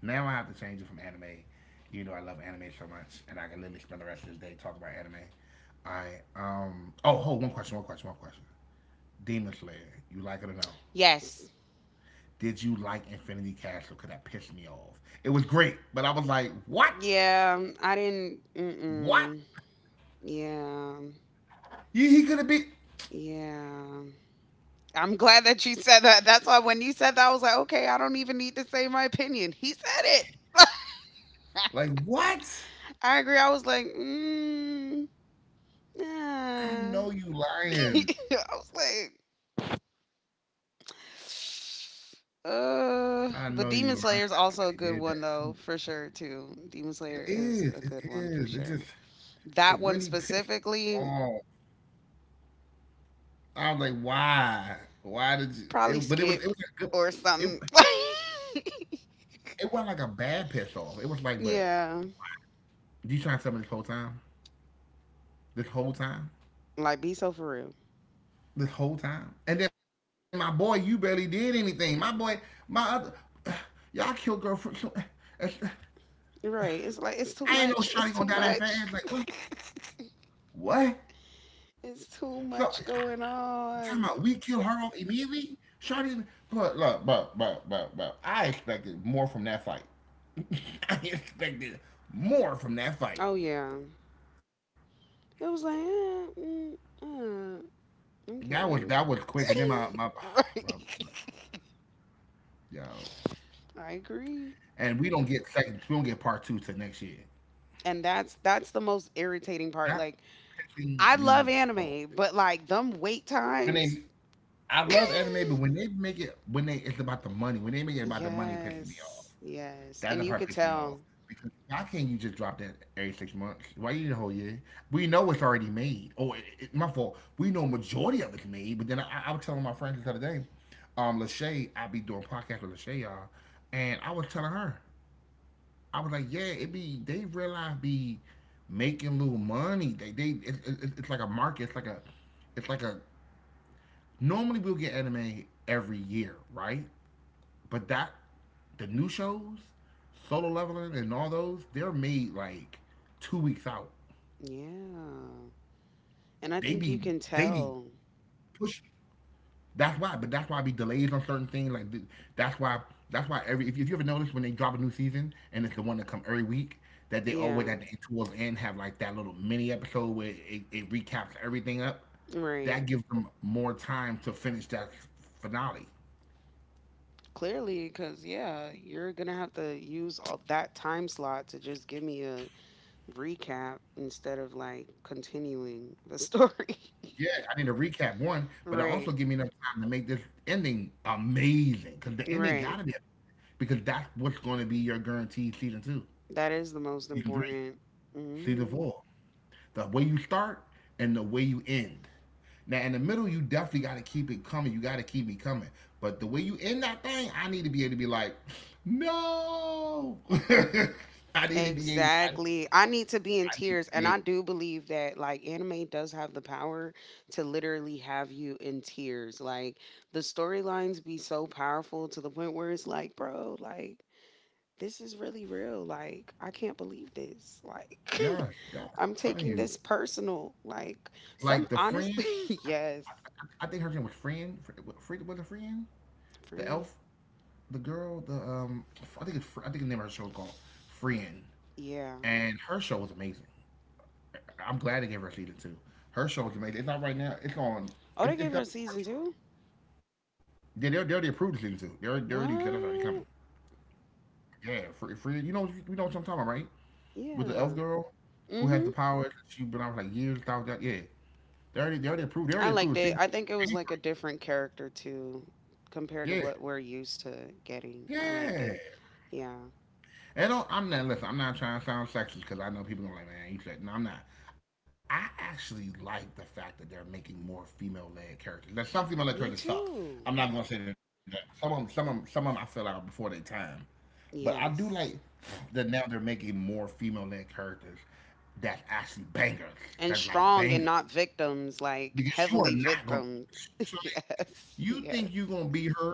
Speaker 1: Now I have to change it from anime. You know I love anime so much, and I can literally spend the rest of this day talking about anime. I um oh hold one question, one question, one question. Demon Slayer, you like it or no?
Speaker 2: Yes.
Speaker 1: Did you like Infinity Castle? Cause that pissed me off. It was great, but I was like, what?
Speaker 2: Yeah, I didn't.
Speaker 1: What?
Speaker 2: Mm-mm. Yeah.
Speaker 1: You, he could have been
Speaker 2: Yeah. I'm glad that you said that. That's why when you said that, I was like, okay, I don't even need to say my opinion. He said it.
Speaker 1: like what?
Speaker 2: I agree. I was like, mm,
Speaker 1: I know you
Speaker 2: yeah.
Speaker 1: lying.
Speaker 2: I was like,
Speaker 1: I know
Speaker 2: but
Speaker 1: you
Speaker 2: Demon Slayer is
Speaker 1: lying when
Speaker 2: also a
Speaker 1: they did
Speaker 2: good one
Speaker 1: that.
Speaker 2: though, for sure too. Demon
Speaker 1: It
Speaker 2: Slayer is
Speaker 1: is.
Speaker 2: a
Speaker 1: It
Speaker 2: good one for
Speaker 1: is. It
Speaker 2: sure.
Speaker 1: just. It
Speaker 2: That one
Speaker 1: really pissed me
Speaker 2: specifically,
Speaker 1: off. I was like, why? Why did you?
Speaker 2: probably
Speaker 1: It, but it was it
Speaker 2: skip
Speaker 1: was like good,
Speaker 2: or something.
Speaker 1: it it wasn't like a bad piss off. It was like, but
Speaker 2: Yeah,
Speaker 1: you trying to tell me this whole time, this whole time,
Speaker 2: like be so for real.
Speaker 1: this whole time, and then my boy, you barely did anything. My boy, my other, y'all killed girlfriend. So,
Speaker 2: Right? It's like it's too much.
Speaker 1: I ain't
Speaker 2: It's
Speaker 1: no
Speaker 2: too
Speaker 1: shawty gonna die
Speaker 2: much.
Speaker 1: that fast. Like what? What?
Speaker 2: It's too
Speaker 1: So
Speaker 2: much
Speaker 1: I,
Speaker 2: going
Speaker 1: talking about
Speaker 2: on.
Speaker 1: we kill her off immediately? Shawty, but look, but I expected more from that fight. I expected more from that fight.
Speaker 2: Oh yeah. It was like,
Speaker 1: That was
Speaker 2: okay.
Speaker 1: that was quick, and then my
Speaker 2: Right.
Speaker 1: my yo,
Speaker 2: I agree.
Speaker 1: and we don't get second, we don't get part two till next year.
Speaker 2: And that's the most irritating part.
Speaker 1: That
Speaker 2: Like,
Speaker 1: pissing
Speaker 2: I love
Speaker 1: me off.
Speaker 2: anime, but like them wait
Speaker 1: When
Speaker 2: times.
Speaker 1: they, I love anime, but when they make it, when they, it's about the money. When they make it about the money, it pisses me off.
Speaker 2: Yes. Yes.
Speaker 1: That's
Speaker 2: And
Speaker 1: the
Speaker 2: you
Speaker 1: part that
Speaker 2: could
Speaker 1: pissed me off.
Speaker 2: tell.
Speaker 1: Because why can't you just drop that every 6 months? Why you need a whole year? We know it's already made. Oh, my fault. We know majority of it's made. But then I was telling my friends the other day, Lachey, I be doing podcast with Lachey, y'all, and I was telling her, I was like, yeah, it be they realize be making little money. It's like a market. It's like a normally we'll get anime every year, right? But that the new shows, solo leveling and all those, they're made like 2 weeks out.
Speaker 2: Yeah.
Speaker 1: They
Speaker 2: And I
Speaker 1: be
Speaker 2: think you can
Speaker 1: they be
Speaker 2: tell.
Speaker 1: push. That's why, but that's why I be delays on certain things. That's why that's why every if you ever notice when they drop a new season and it's the one that come every week that they always
Speaker 2: Yeah.
Speaker 1: at the end towards the end have like that little mini episode where it recaps everything up.
Speaker 2: Right.
Speaker 1: That gives them more time to finish that finale.
Speaker 2: Clearly, because yeah, you're gonna have to use all that time slot to just give me a recap instead of like continuing the story.
Speaker 1: Yeah, I need to recap one, but it also
Speaker 2: Right,
Speaker 1: give me enough time to make this ending amazing because the ending
Speaker 2: right.
Speaker 1: gotta be amazing, because that's what's going to be your guaranteed season two,
Speaker 2: That is the most
Speaker 1: season three,
Speaker 2: important.
Speaker 1: season
Speaker 2: Hmm.
Speaker 1: four. The way you start and the way you end. Now in the middle, you definitely got to keep it coming. You got to keep me coming. But the way you end that thing, I need to be able to be like, no. I need to be able. I
Speaker 2: Exactly. I need to be in
Speaker 1: need to
Speaker 2: tears, and
Speaker 1: be
Speaker 2: I
Speaker 1: able.
Speaker 2: do believe that like anime does have the power to literally have you in tears. Like the storylines be so powerful to the point where it's like, bro, like this is really real. Like, I can't believe this. Like,
Speaker 1: Yes, yes.
Speaker 2: I'm
Speaker 1: I'm telling
Speaker 2: taking
Speaker 1: you.
Speaker 2: this personal. Like, some
Speaker 1: Like the friend,
Speaker 2: honestly,
Speaker 1: I,
Speaker 2: yes.
Speaker 1: I I think her name was friend. Friend was a friend. The
Speaker 2: Free.
Speaker 1: elf, the girl, the I think the name of her show is called Friend,
Speaker 2: Yeah.
Speaker 1: and her show was amazing. I'm glad they gave her a season two. Her show was amazing. It's not right now. It's on.
Speaker 2: Oh, they
Speaker 1: It,
Speaker 2: gave it
Speaker 1: it's
Speaker 2: a
Speaker 1: definitely
Speaker 2: season
Speaker 1: on
Speaker 2: two?
Speaker 1: Crunchyroll. Yeah, they already approved the season two. They already said that's already coming.
Speaker 2: What?
Speaker 1: Yeah, friend, Fran, you know what I'm talking about, right? With the
Speaker 2: Yeah.
Speaker 1: elf girl who has
Speaker 2: Mm-hmm.
Speaker 1: the powers. She been out for like years. Thousand, yeah, they already approved. They
Speaker 2: I
Speaker 1: already
Speaker 2: liked
Speaker 1: approved the
Speaker 2: it.
Speaker 1: season
Speaker 2: I think it was
Speaker 1: two.
Speaker 2: like a different character too, compared to
Speaker 1: Yeah,
Speaker 2: what we're used to getting. I liked
Speaker 1: yeah.
Speaker 2: it. Yeah.
Speaker 1: And don't, I'm not listen. I'm not trying to sound sexist because I know people gonna like, man, you said no. I'm not. I actually like the fact that they're making more female-led characters. Now, some female-led
Speaker 2: Me
Speaker 1: characters suck.
Speaker 2: too.
Speaker 1: I'm not gonna say that. Some of them, some of 'em I feel out before their time. But I do like
Speaker 2: Yes.
Speaker 1: that now they're making more female-led characters that's actually bangers.
Speaker 2: and
Speaker 1: That's like
Speaker 2: strong and
Speaker 1: bangers
Speaker 2: not victims, like
Speaker 1: because you
Speaker 2: heavily
Speaker 1: are not gonna.
Speaker 2: victims.
Speaker 1: Shirley,
Speaker 2: yes,
Speaker 1: you think
Speaker 2: yes.
Speaker 1: you're gonna be her?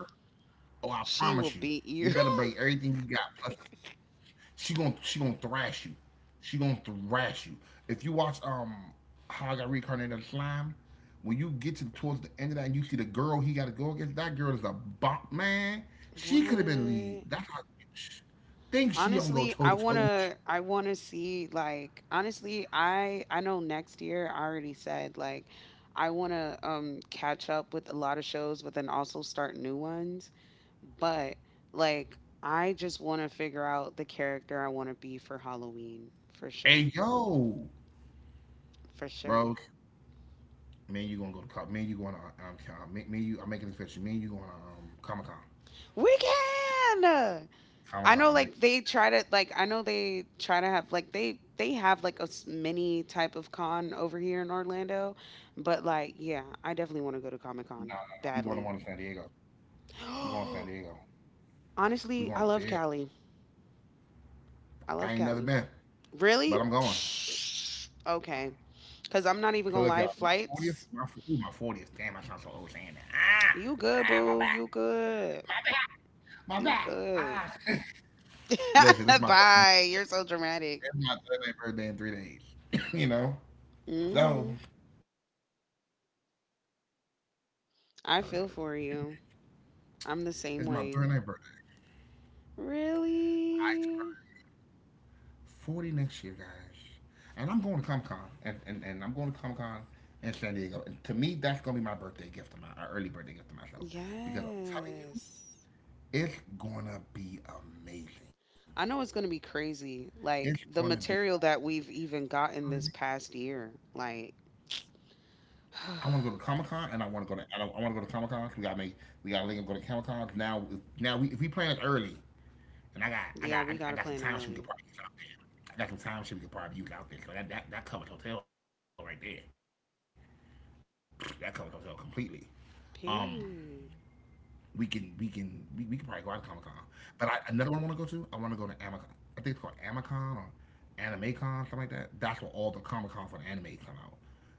Speaker 1: Oh, I
Speaker 2: She
Speaker 1: promise
Speaker 2: will
Speaker 1: you.
Speaker 2: beat
Speaker 1: You
Speaker 2: you.
Speaker 1: better bring everything you got plus. She gonna thrash you. She gonna thrash you. If you watch How I Got Reincarnated as Slime, when you get to towards the end of that and you see the girl he got to go against, that girl is a bop, man. She could have been lead.
Speaker 2: what?
Speaker 1: Sh- think she don't go
Speaker 2: Honestly,
Speaker 1: toe
Speaker 2: I
Speaker 1: to toe with you.
Speaker 2: wanna I wanna see, like, honestly, I know next year. I already said like I wanna catch up with a lot of shows but then also start new ones. But like I just wanna figure out the character I wanna be for Halloween for sure.
Speaker 1: Hey yo,
Speaker 2: For sure.
Speaker 1: bro, me and you gonna go to cop. Me, me and you. I'm making this fiction. Me and you going to Comic Con.
Speaker 2: We can I
Speaker 1: Comic
Speaker 2: know
Speaker 1: Con
Speaker 2: like
Speaker 1: next.
Speaker 2: they try to have like they have like a mini type of con over here in Orlando, but like yeah, I definitely want to go to Comic
Speaker 1: Nah,
Speaker 2: Con
Speaker 1: nah, nah. We going to one
Speaker 2: badly.
Speaker 1: in San Diego. We going to San Diego. We
Speaker 2: Honestly,
Speaker 1: going
Speaker 2: I
Speaker 1: to
Speaker 2: love
Speaker 1: Fair.
Speaker 2: Cali. I
Speaker 1: I
Speaker 2: love
Speaker 1: ain't never
Speaker 2: Cali.
Speaker 1: been, but
Speaker 2: Really?
Speaker 1: I'm going.
Speaker 2: Okay, because I'm not even
Speaker 1: So
Speaker 2: gonna
Speaker 1: look,
Speaker 2: lie.
Speaker 1: y'all, my fortieth,
Speaker 2: Flights,
Speaker 1: my ooh, my 40th. Damn, I sound so old saying that.
Speaker 2: you
Speaker 1: Ah,
Speaker 2: good,
Speaker 1: ah,
Speaker 2: boo? You good?
Speaker 1: my back, my
Speaker 2: You
Speaker 1: back.
Speaker 2: good?
Speaker 1: Ah. Listen, this is my third.
Speaker 2: Bye. You're so dramatic.
Speaker 1: It's my third birthday in 3 days. you know, so
Speaker 2: Hmm. I
Speaker 1: sorry,
Speaker 2: feel
Speaker 1: sorry.
Speaker 2: for you. I'm the same
Speaker 1: It's my
Speaker 2: way.
Speaker 1: third birthday. I turn
Speaker 2: Really?
Speaker 1: 40 next year, guys, and I'm going to Comic Con, and, and I'm going to Comic Con in San Diego. And to me, that's gonna be my birthday gift, to my our early birthday gift to myself, because I'm telling you,
Speaker 2: Yes.
Speaker 1: it's gonna be amazing.
Speaker 2: I know it's going to be
Speaker 1: It's
Speaker 2: crazy.
Speaker 1: gonna
Speaker 2: Like
Speaker 1: be
Speaker 2: the material that we've even
Speaker 1: amazing.
Speaker 2: gotten this past year. Like,
Speaker 1: I want to go to Comic Con and I want to go to I, don't- I want to go to Comic Con. We gotta link up go to Comic Con. Now if we plan it early and I got I
Speaker 2: yeah, we
Speaker 1: got
Speaker 2: got
Speaker 1: I,
Speaker 2: to
Speaker 1: got some
Speaker 2: plan
Speaker 1: time shit we could
Speaker 2: early.
Speaker 1: probably use out there. I got some time shit we could probably use out there. So that covers hotel right there. That covers hotel completely. Um,
Speaker 2: Period.
Speaker 1: we can probably go out to Comic Con. But another one I want to go to. I want to go to Amicon. I think it's called Amicon or Animecon, something like that. That's where all the Comic Con for the anime come out.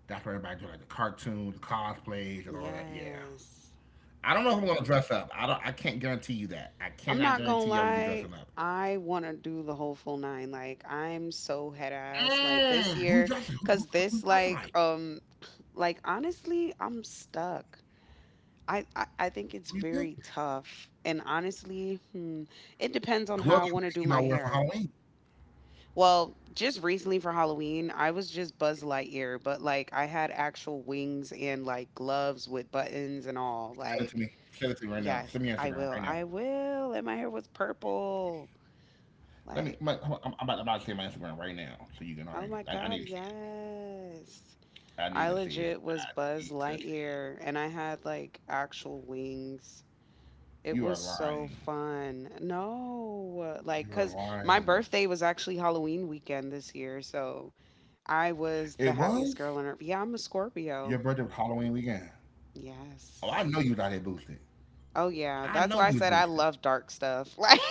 Speaker 1: That's where everybody do like the cartoons, the cosplays, and all that. Yeah.
Speaker 2: Yes.
Speaker 1: I don't know if we're gonna dress up. I don't. I can't guarantee you that. I
Speaker 2: I'm
Speaker 1: cannot
Speaker 2: not going to
Speaker 1: guarantee y'all will be
Speaker 2: lie.
Speaker 1: dressing up.
Speaker 2: I want to do the whole full nine. Like, I'm so head ass. Like, this year,
Speaker 1: Who dressing?
Speaker 2: because
Speaker 1: Who,
Speaker 2: this,
Speaker 1: who, who dressing like?
Speaker 2: like, honestly, I'm stuck. I think it's
Speaker 1: Who you
Speaker 2: very
Speaker 1: pick?
Speaker 2: tough. And honestly, it depends on how I want to
Speaker 1: Whoever
Speaker 2: do
Speaker 1: you
Speaker 2: my
Speaker 1: pick, you might
Speaker 2: hair.
Speaker 1: wear for Halloween.
Speaker 2: Well, just recently for Halloween, I was just Buzz Lightyear, but like I had actual wings and like gloves with buttons and all.
Speaker 1: Send it
Speaker 2: Like,
Speaker 1: to me. Send it to me right now.
Speaker 2: yes,
Speaker 1: Send me
Speaker 2: I
Speaker 1: Instagram
Speaker 2: will.
Speaker 1: right now.
Speaker 2: I will. And my hair was purple.
Speaker 1: Let me.
Speaker 2: Like,
Speaker 1: My, I'm about to say my Instagram right now, so you can.
Speaker 2: oh my
Speaker 1: I
Speaker 2: God,
Speaker 1: need to see it.
Speaker 2: yes.
Speaker 1: I
Speaker 2: I
Speaker 1: need to see it.
Speaker 2: legit was
Speaker 1: I
Speaker 2: Buzz
Speaker 1: need to see it.
Speaker 2: Lightyear and I had like actual wings. It
Speaker 1: You
Speaker 2: was
Speaker 1: are
Speaker 2: so
Speaker 1: lying.
Speaker 2: fun. No, like,
Speaker 1: You
Speaker 2: cause
Speaker 1: are
Speaker 2: my
Speaker 1: lying.
Speaker 2: birthday was actually Halloween weekend this year, so I was the
Speaker 1: It was
Speaker 2: happiest girl on earth. Yeah, I'm a
Speaker 1: Your
Speaker 2: Scorpio.
Speaker 1: birthday was Halloween weekend. Oh, I
Speaker 2: Yes.
Speaker 1: know you was out here boosted.
Speaker 2: Oh yeah,
Speaker 1: I
Speaker 2: that's
Speaker 1: know
Speaker 2: why I
Speaker 1: you was
Speaker 2: said I
Speaker 1: boosted.
Speaker 2: love dark stuff. Like,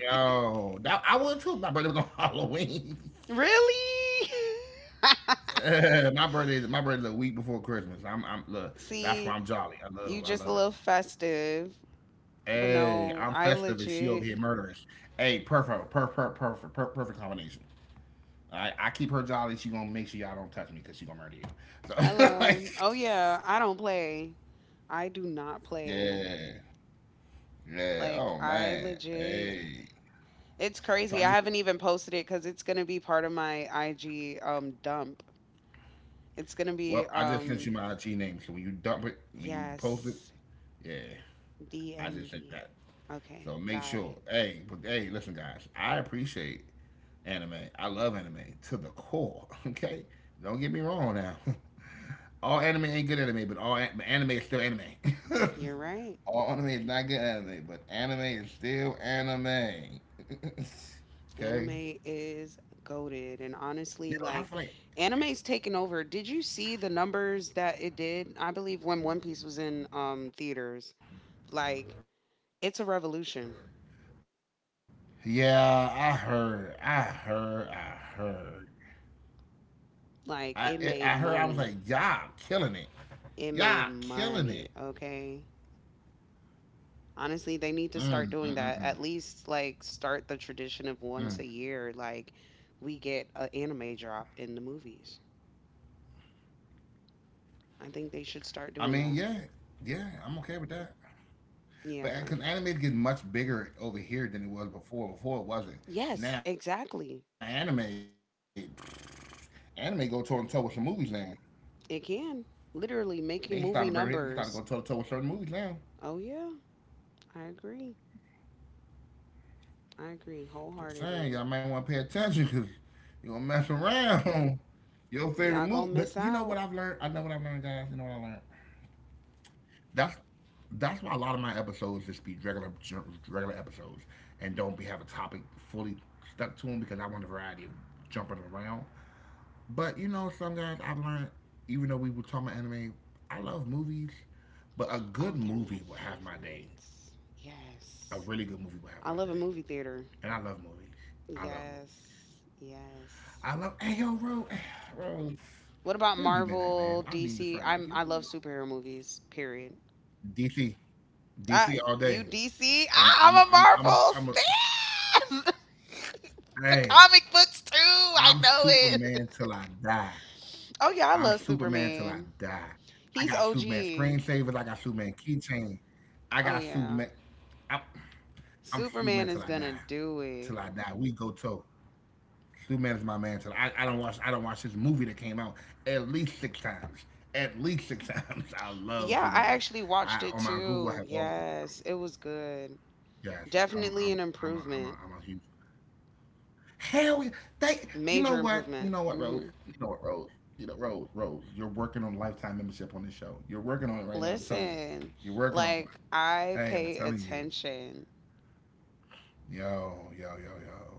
Speaker 1: I would too if my birthday was on Halloween.
Speaker 2: really?
Speaker 1: My birthday is a week before Christmas. I'm look. That's why
Speaker 2: See,
Speaker 1: I'm jolly.
Speaker 2: you
Speaker 1: I
Speaker 2: just a
Speaker 1: love it.
Speaker 2: little festive, but
Speaker 1: Hey,
Speaker 2: no,
Speaker 1: I'm
Speaker 2: I
Speaker 1: festive and she over here
Speaker 2: legit.
Speaker 1: murderous. Hey, perfect combination. I keep her jolly. She gonna make sure y'all don't touch me because she gonna murder you. So, like,
Speaker 2: Hello. Oh yeah, I don't play. I do not play.
Speaker 1: yeah, yeah. Oh
Speaker 2: Like I
Speaker 1: man.
Speaker 2: legit
Speaker 1: Hey.
Speaker 2: it's
Speaker 1: So I
Speaker 2: crazy. I
Speaker 1: just,
Speaker 2: haven't even posted it cuz it's going to be part of my IG dump. It's going to be
Speaker 1: well, I just sent you my IG name. So when you dump it, when you post it,
Speaker 2: yes,
Speaker 1: yeah, I just sent
Speaker 2: DMV.
Speaker 1: that.
Speaker 2: Okay,
Speaker 1: So make
Speaker 2: got
Speaker 1: sure,
Speaker 2: it.
Speaker 1: hey, but hey, listen, guys, I appreciate anime. I love anime to the core. Okay, don't get me wrong now. All anime ain't good anime, but all but anime is still anime.
Speaker 2: You're right.
Speaker 1: All anime is not good anime, but anime is still anime.
Speaker 2: Anime
Speaker 1: Okay,
Speaker 2: is goaded and honestly like
Speaker 1: you know,
Speaker 2: anime's
Speaker 1: I feel
Speaker 2: taken
Speaker 1: like
Speaker 2: over. Did you see the numbers that it did? I believe when One Piece was in theaters. Like it's a revolution.
Speaker 1: yeah, I heard.
Speaker 2: Like it
Speaker 1: I
Speaker 2: made
Speaker 1: heard. I was like,
Speaker 2: money.
Speaker 1: y'all killing it.
Speaker 2: It
Speaker 1: Y'all
Speaker 2: made
Speaker 1: killing it.
Speaker 2: money, okay? Honestly, they need to
Speaker 1: Mm,
Speaker 2: start
Speaker 1: mm,
Speaker 2: doing that.
Speaker 1: mm,
Speaker 2: At
Speaker 1: mm,
Speaker 2: least like start the tradition of once a
Speaker 1: mm.
Speaker 2: year, like we get an anime drop in the movies. I think they should start
Speaker 1: I
Speaker 2: doing
Speaker 1: mean,
Speaker 2: that.
Speaker 1: yeah, yeah, I'm okay with that.
Speaker 2: Yeah.
Speaker 1: But because anime is getting much bigger over here than it was before. Before it wasn't.
Speaker 2: Yes,
Speaker 1: Now anime,
Speaker 2: exactly.
Speaker 1: anime go toe to toe with some movies now.
Speaker 2: It can.
Speaker 1: They started bring
Speaker 2: Literally
Speaker 1: it. They started
Speaker 2: making
Speaker 1: go
Speaker 2: movie
Speaker 1: toe to toe with certain
Speaker 2: numbers.
Speaker 1: movies now.
Speaker 2: Oh yeah, I agree. I agree
Speaker 1: Just saying,
Speaker 2: wholeheartedly.
Speaker 1: y'all might want to pay attention because you gonna mess around. Your favorite
Speaker 2: Y'all
Speaker 1: movie,
Speaker 2: gonna
Speaker 1: but
Speaker 2: miss
Speaker 1: you know what
Speaker 2: out.
Speaker 1: I've learned? I know what I've learned, guys. You know what I learned? That's that's why a lot of my episodes just be regular episodes and don't be have a topic fully stuck to them because I want a variety of jumping around. But you know, some guys I've learned, even though we were talking about anime, I love movies, but a good
Speaker 2: Oh, they're my
Speaker 1: movie will have my day.
Speaker 2: favorites.
Speaker 1: A
Speaker 2: Yes.
Speaker 1: really good movie will have
Speaker 2: I
Speaker 1: my
Speaker 2: love a
Speaker 1: day,
Speaker 2: movie theater.
Speaker 1: and I love movies. I love movies.
Speaker 2: Yes. Yes.
Speaker 1: I love. Hey yo, Rose, hey, Rose,
Speaker 2: What about
Speaker 1: where have you been at,
Speaker 2: Marvel,
Speaker 1: man? I've needed a
Speaker 2: DC?
Speaker 1: friend like
Speaker 2: I
Speaker 1: you for a
Speaker 2: love
Speaker 1: while.
Speaker 2: superhero movies. Period.
Speaker 1: DC,
Speaker 2: Uh,
Speaker 1: DC all
Speaker 2: you
Speaker 1: day.
Speaker 2: DC? Ah, I'm
Speaker 1: I'm a,
Speaker 2: a
Speaker 1: I'm a, I'm a,
Speaker 2: Marvel
Speaker 1: I'm a
Speaker 2: stan. the
Speaker 1: Hey,
Speaker 2: comic books too. I
Speaker 1: I'm
Speaker 2: know it.
Speaker 1: Superman till I die.
Speaker 2: oh yeah, I
Speaker 1: I'm
Speaker 2: love
Speaker 1: Superman till I
Speaker 2: Superman.
Speaker 1: die. I
Speaker 2: He's
Speaker 1: got Superman
Speaker 2: OG.
Speaker 1: screensavers. I got Superman keychain. I
Speaker 2: Oh
Speaker 1: got
Speaker 2: yeah,
Speaker 1: Superman. I'm, I'm Superman
Speaker 2: Superman
Speaker 1: till
Speaker 2: is
Speaker 1: I
Speaker 2: gonna
Speaker 1: die.
Speaker 2: do
Speaker 1: Till
Speaker 2: it.
Speaker 1: I die, we go toe. Superman is my man. I don't watch this movie that came out at least six times. At least six times. I love
Speaker 2: Yeah, I
Speaker 1: Superman.
Speaker 2: actually watched
Speaker 1: I
Speaker 2: it
Speaker 1: on my Google I
Speaker 2: too.
Speaker 1: have all.
Speaker 2: Yes, it was good.
Speaker 1: Yes, I'm.
Speaker 2: Definitely
Speaker 1: I'm.
Speaker 2: an improvement.
Speaker 1: I'm a huge Hell, yeah. they. You know
Speaker 2: Major
Speaker 1: what? You
Speaker 2: improvement.
Speaker 1: know what, Rose? You know what, Rose? You know, Rose, Rose. You're working on lifetime membership on this show. You're working on it right now. I'm telling you.
Speaker 2: Listen,
Speaker 1: You're working on one.
Speaker 2: like I
Speaker 1: Hey, I'm
Speaker 2: pay
Speaker 1: telling you.
Speaker 2: attention.
Speaker 1: Yo, yo, yo, yo.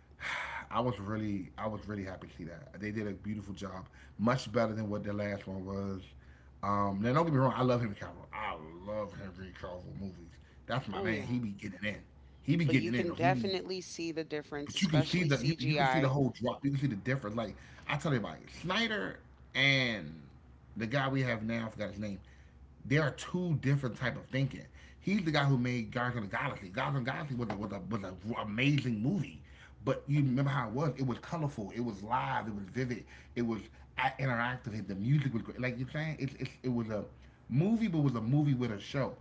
Speaker 1: I was really happy to see that. They did a beautiful job, much better than what the last one was. Now don't get me wrong, I love Henry Cavill. I love Henry Cavill movies. That's my
Speaker 2: Oh
Speaker 1: man. He
Speaker 2: yeah.
Speaker 1: be getting in. He be
Speaker 2: But you
Speaker 1: getting in.
Speaker 2: can
Speaker 1: He be
Speaker 2: definitely see the difference,
Speaker 1: But you can see
Speaker 2: especially
Speaker 1: the you can see the
Speaker 2: CGI.
Speaker 1: whole drop. You can see the difference. Like I tell everybody, Snyder and the guy we have now, I forgot his name. They are two different type of thinking. He's the guy who made Guardians of the Galaxy. Guardians of the Galaxy was an amazing movie, but you remember how it was? It was colorful. It was live. It was vivid. It was interactive. The music was great. Like you're saying, it's it was a movie, but it was a movie with a show.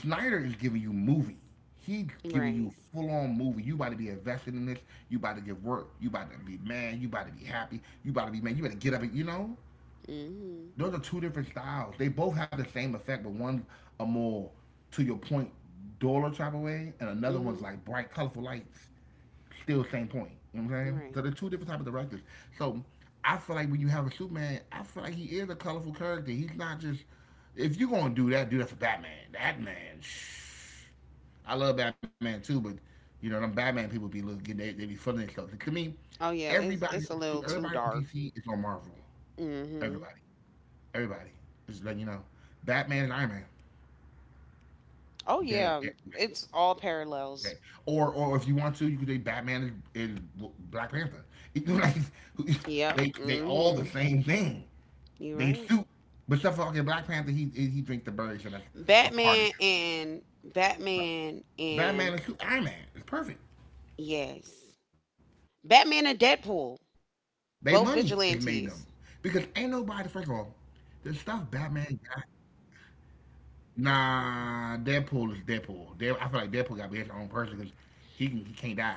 Speaker 1: Snyder is giving you movie. He's giving
Speaker 2: Right.
Speaker 1: you full on movie. You about to be invested in this. You about to give work. You about to be mad. You about to be happy. You about to be mad. You better get up and you know.
Speaker 2: Mhm.
Speaker 1: Those are two different styles. They both have the same effect, but one's a more to your point, duller type of way, and another one's
Speaker 2: Mhm.
Speaker 1: like bright, colorful lights. Still same point. You know what I'm saying? So
Speaker 2: Right.
Speaker 1: they're two different type of directors. So I feel like when you have a Superman, I feel like he is a colorful character. He's not just if you're gonna do that, do that for Batman. Batman, shh. I love Batman too, but you know them Batman people be little getting they be feeling themselves. To me,
Speaker 2: Oh yeah, it's
Speaker 1: everybody
Speaker 2: it's a little too
Speaker 1: everybody on
Speaker 2: dark.
Speaker 1: DC is on Marvel.
Speaker 2: Mhm.
Speaker 1: Everybody, everybody. Just letting you know, Batman and Iron Man,
Speaker 2: Oh
Speaker 1: dead,
Speaker 2: yeah,
Speaker 1: dead.
Speaker 2: it's all parallels.
Speaker 1: Okay. Or if you want to, you could do Batman and, Black Panther. It- like
Speaker 2: Yep.
Speaker 1: they all the
Speaker 2: Mhm.
Speaker 1: same thing.
Speaker 2: You're
Speaker 1: They
Speaker 2: right.
Speaker 1: suit, but stuff like in Black Panther, he drink the bird, so that's a part of
Speaker 2: Batman
Speaker 1: him.
Speaker 2: and Batman and
Speaker 1: Iron Man is perfect.
Speaker 2: yes. Batman and
Speaker 1: They
Speaker 2: Deadpool,
Speaker 1: money is made them
Speaker 2: both
Speaker 1: because ain't
Speaker 2: vigilantes.
Speaker 1: nobody. First of all, the stuff Batman got. Nah, Deadpool is Deadpool. Dead, I feel like Deadpool got to be his own person because he can't die.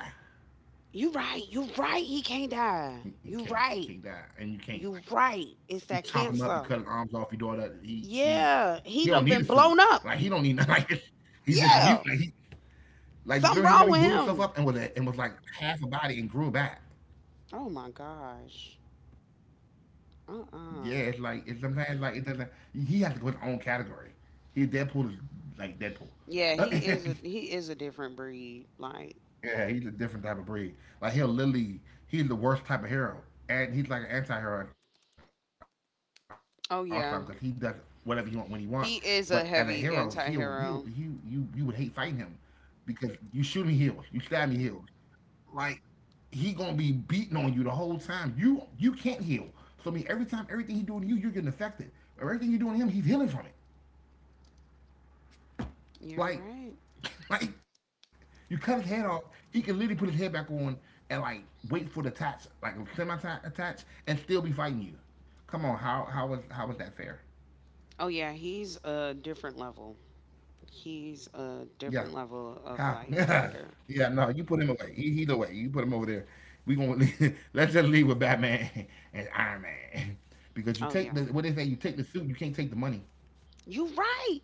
Speaker 2: You right. You right. He can't
Speaker 1: He,
Speaker 2: die.
Speaker 1: he can't
Speaker 2: You
Speaker 1: can't
Speaker 2: right.
Speaker 1: die, and you can't. Like,
Speaker 2: You right.
Speaker 1: you
Speaker 2: It's that
Speaker 1: chop him up, you cut his
Speaker 2: cancer.
Speaker 1: arms off, you do all that. He can't.
Speaker 2: Yeah.
Speaker 1: He don't
Speaker 2: He
Speaker 1: need a
Speaker 2: done
Speaker 1: suit.
Speaker 2: been blown
Speaker 1: Like he
Speaker 2: up.
Speaker 1: don't need nothing. Like he's just a mutant. Like he
Speaker 2: Yeah.
Speaker 1: like remember he
Speaker 2: Something
Speaker 1: blew
Speaker 2: wrong with
Speaker 1: himself up
Speaker 2: him.
Speaker 1: and was like half a body and grew back.
Speaker 2: Oh my gosh. Uh uh
Speaker 1: Yeah, it's like it's sometimes like it doesn't. He has to go his own category. He Deadpool is like Deadpool.
Speaker 2: Yeah, he is a different breed. Like,
Speaker 1: Yeah, he's a different type of breed. Like he'll literally, he's the worst type of hero, and he's like an anti-hero at all the time because he does whatever he want when he
Speaker 2: oh
Speaker 1: want.
Speaker 2: yeah.
Speaker 1: But as a hero, he'll
Speaker 2: He
Speaker 1: he'll
Speaker 2: is
Speaker 1: he
Speaker 2: a heavy
Speaker 1: you would hate
Speaker 2: anti
Speaker 1: fighting him
Speaker 2: hero.
Speaker 1: because you shoot me heals, you stab me heals. Like he gonna be beating on you the whole time. You can't heal. So I mean, every time everything he doing to you, you're getting affected. Everything you doing to him, he's healing from it.
Speaker 2: You're right.
Speaker 1: Like Like you cut his head off, he can literally put his head back on and like wait for the attach, like semi attach, and still be fighting you. Come on, how was that fair?
Speaker 2: Oh yeah, he's a different level. He's a
Speaker 1: Yeah,
Speaker 2: different level of
Speaker 1: how?
Speaker 2: like
Speaker 1: Yeah,
Speaker 2: fighter.
Speaker 1: yeah. No, you put him away. He's away. You put him over there. We gonna let's just leave with Batman and Iron Man because
Speaker 2: Oh
Speaker 1: you
Speaker 2: yeah.
Speaker 1: take the what they say. You take the suit. You can't take the money.
Speaker 2: You right.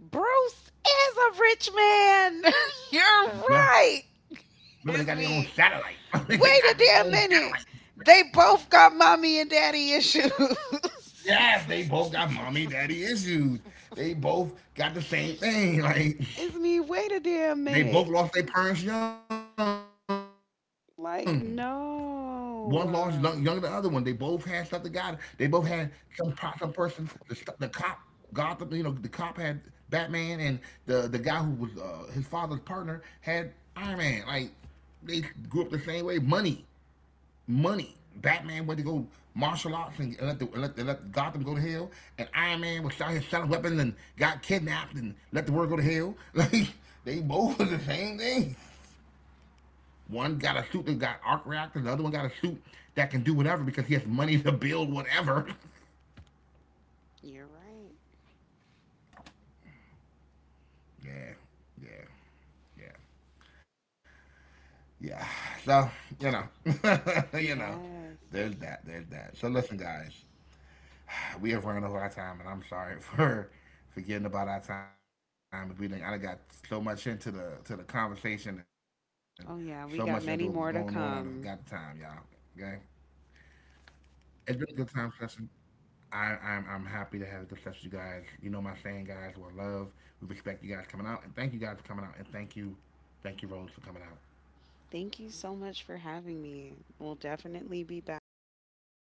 Speaker 2: Bruce is a rich man. You're
Speaker 1: Yeah.
Speaker 2: right. It's
Speaker 1: Remember they got their
Speaker 2: me.
Speaker 1: own satellite. They
Speaker 2: Wait a
Speaker 1: got their
Speaker 2: damn
Speaker 1: own
Speaker 2: minute.
Speaker 1: satellite.
Speaker 2: They both got mommy and daddy issues.
Speaker 1: Yes, they both got mommy daddy issues. They both got the same thing. Like
Speaker 2: it's me. Wait a damn
Speaker 1: they both
Speaker 2: minute.
Speaker 1: lost their parents young. One lost
Speaker 2: Like,
Speaker 1: young, younger than the other one. They both had
Speaker 2: no.
Speaker 1: stuff together. They both had some person. The cop, Gotham. You know, the cop had Batman, and the guy who was his father's partner had Iron Man. Like they grew up the same way. Money. Batman went to go martial arts and let Gotham go to hell, and Iron Man was out here selling weapons and got kidnapped and let the world go to hell. Like they both was the same thing. One got a suit that got arc reactors, the other one got a suit that can do whatever because he has money to build whatever.
Speaker 2: You're right.
Speaker 1: yeah, yeah, yeah, yeah. So you know, you know,
Speaker 2: Yes.
Speaker 1: there's that. So listen, guys we have run over our time, and I'm sorry for forgetting about our time. We didn't. I got so much into the to the conversation and so much into what was going
Speaker 2: Oh,
Speaker 1: on. I done
Speaker 2: yeah. We
Speaker 1: forgot the
Speaker 2: got many
Speaker 1: time,
Speaker 2: more
Speaker 1: y'all.
Speaker 2: to
Speaker 1: Okay,
Speaker 2: come.
Speaker 1: it's been a good time session. I'm happy to have this session, you guys. You know my saying, guys. We love, we respect you guys coming out, and thank you guys for coming out, and thank you, Rose, for coming out.
Speaker 2: Thank you so much for having me. We'll definitely be back.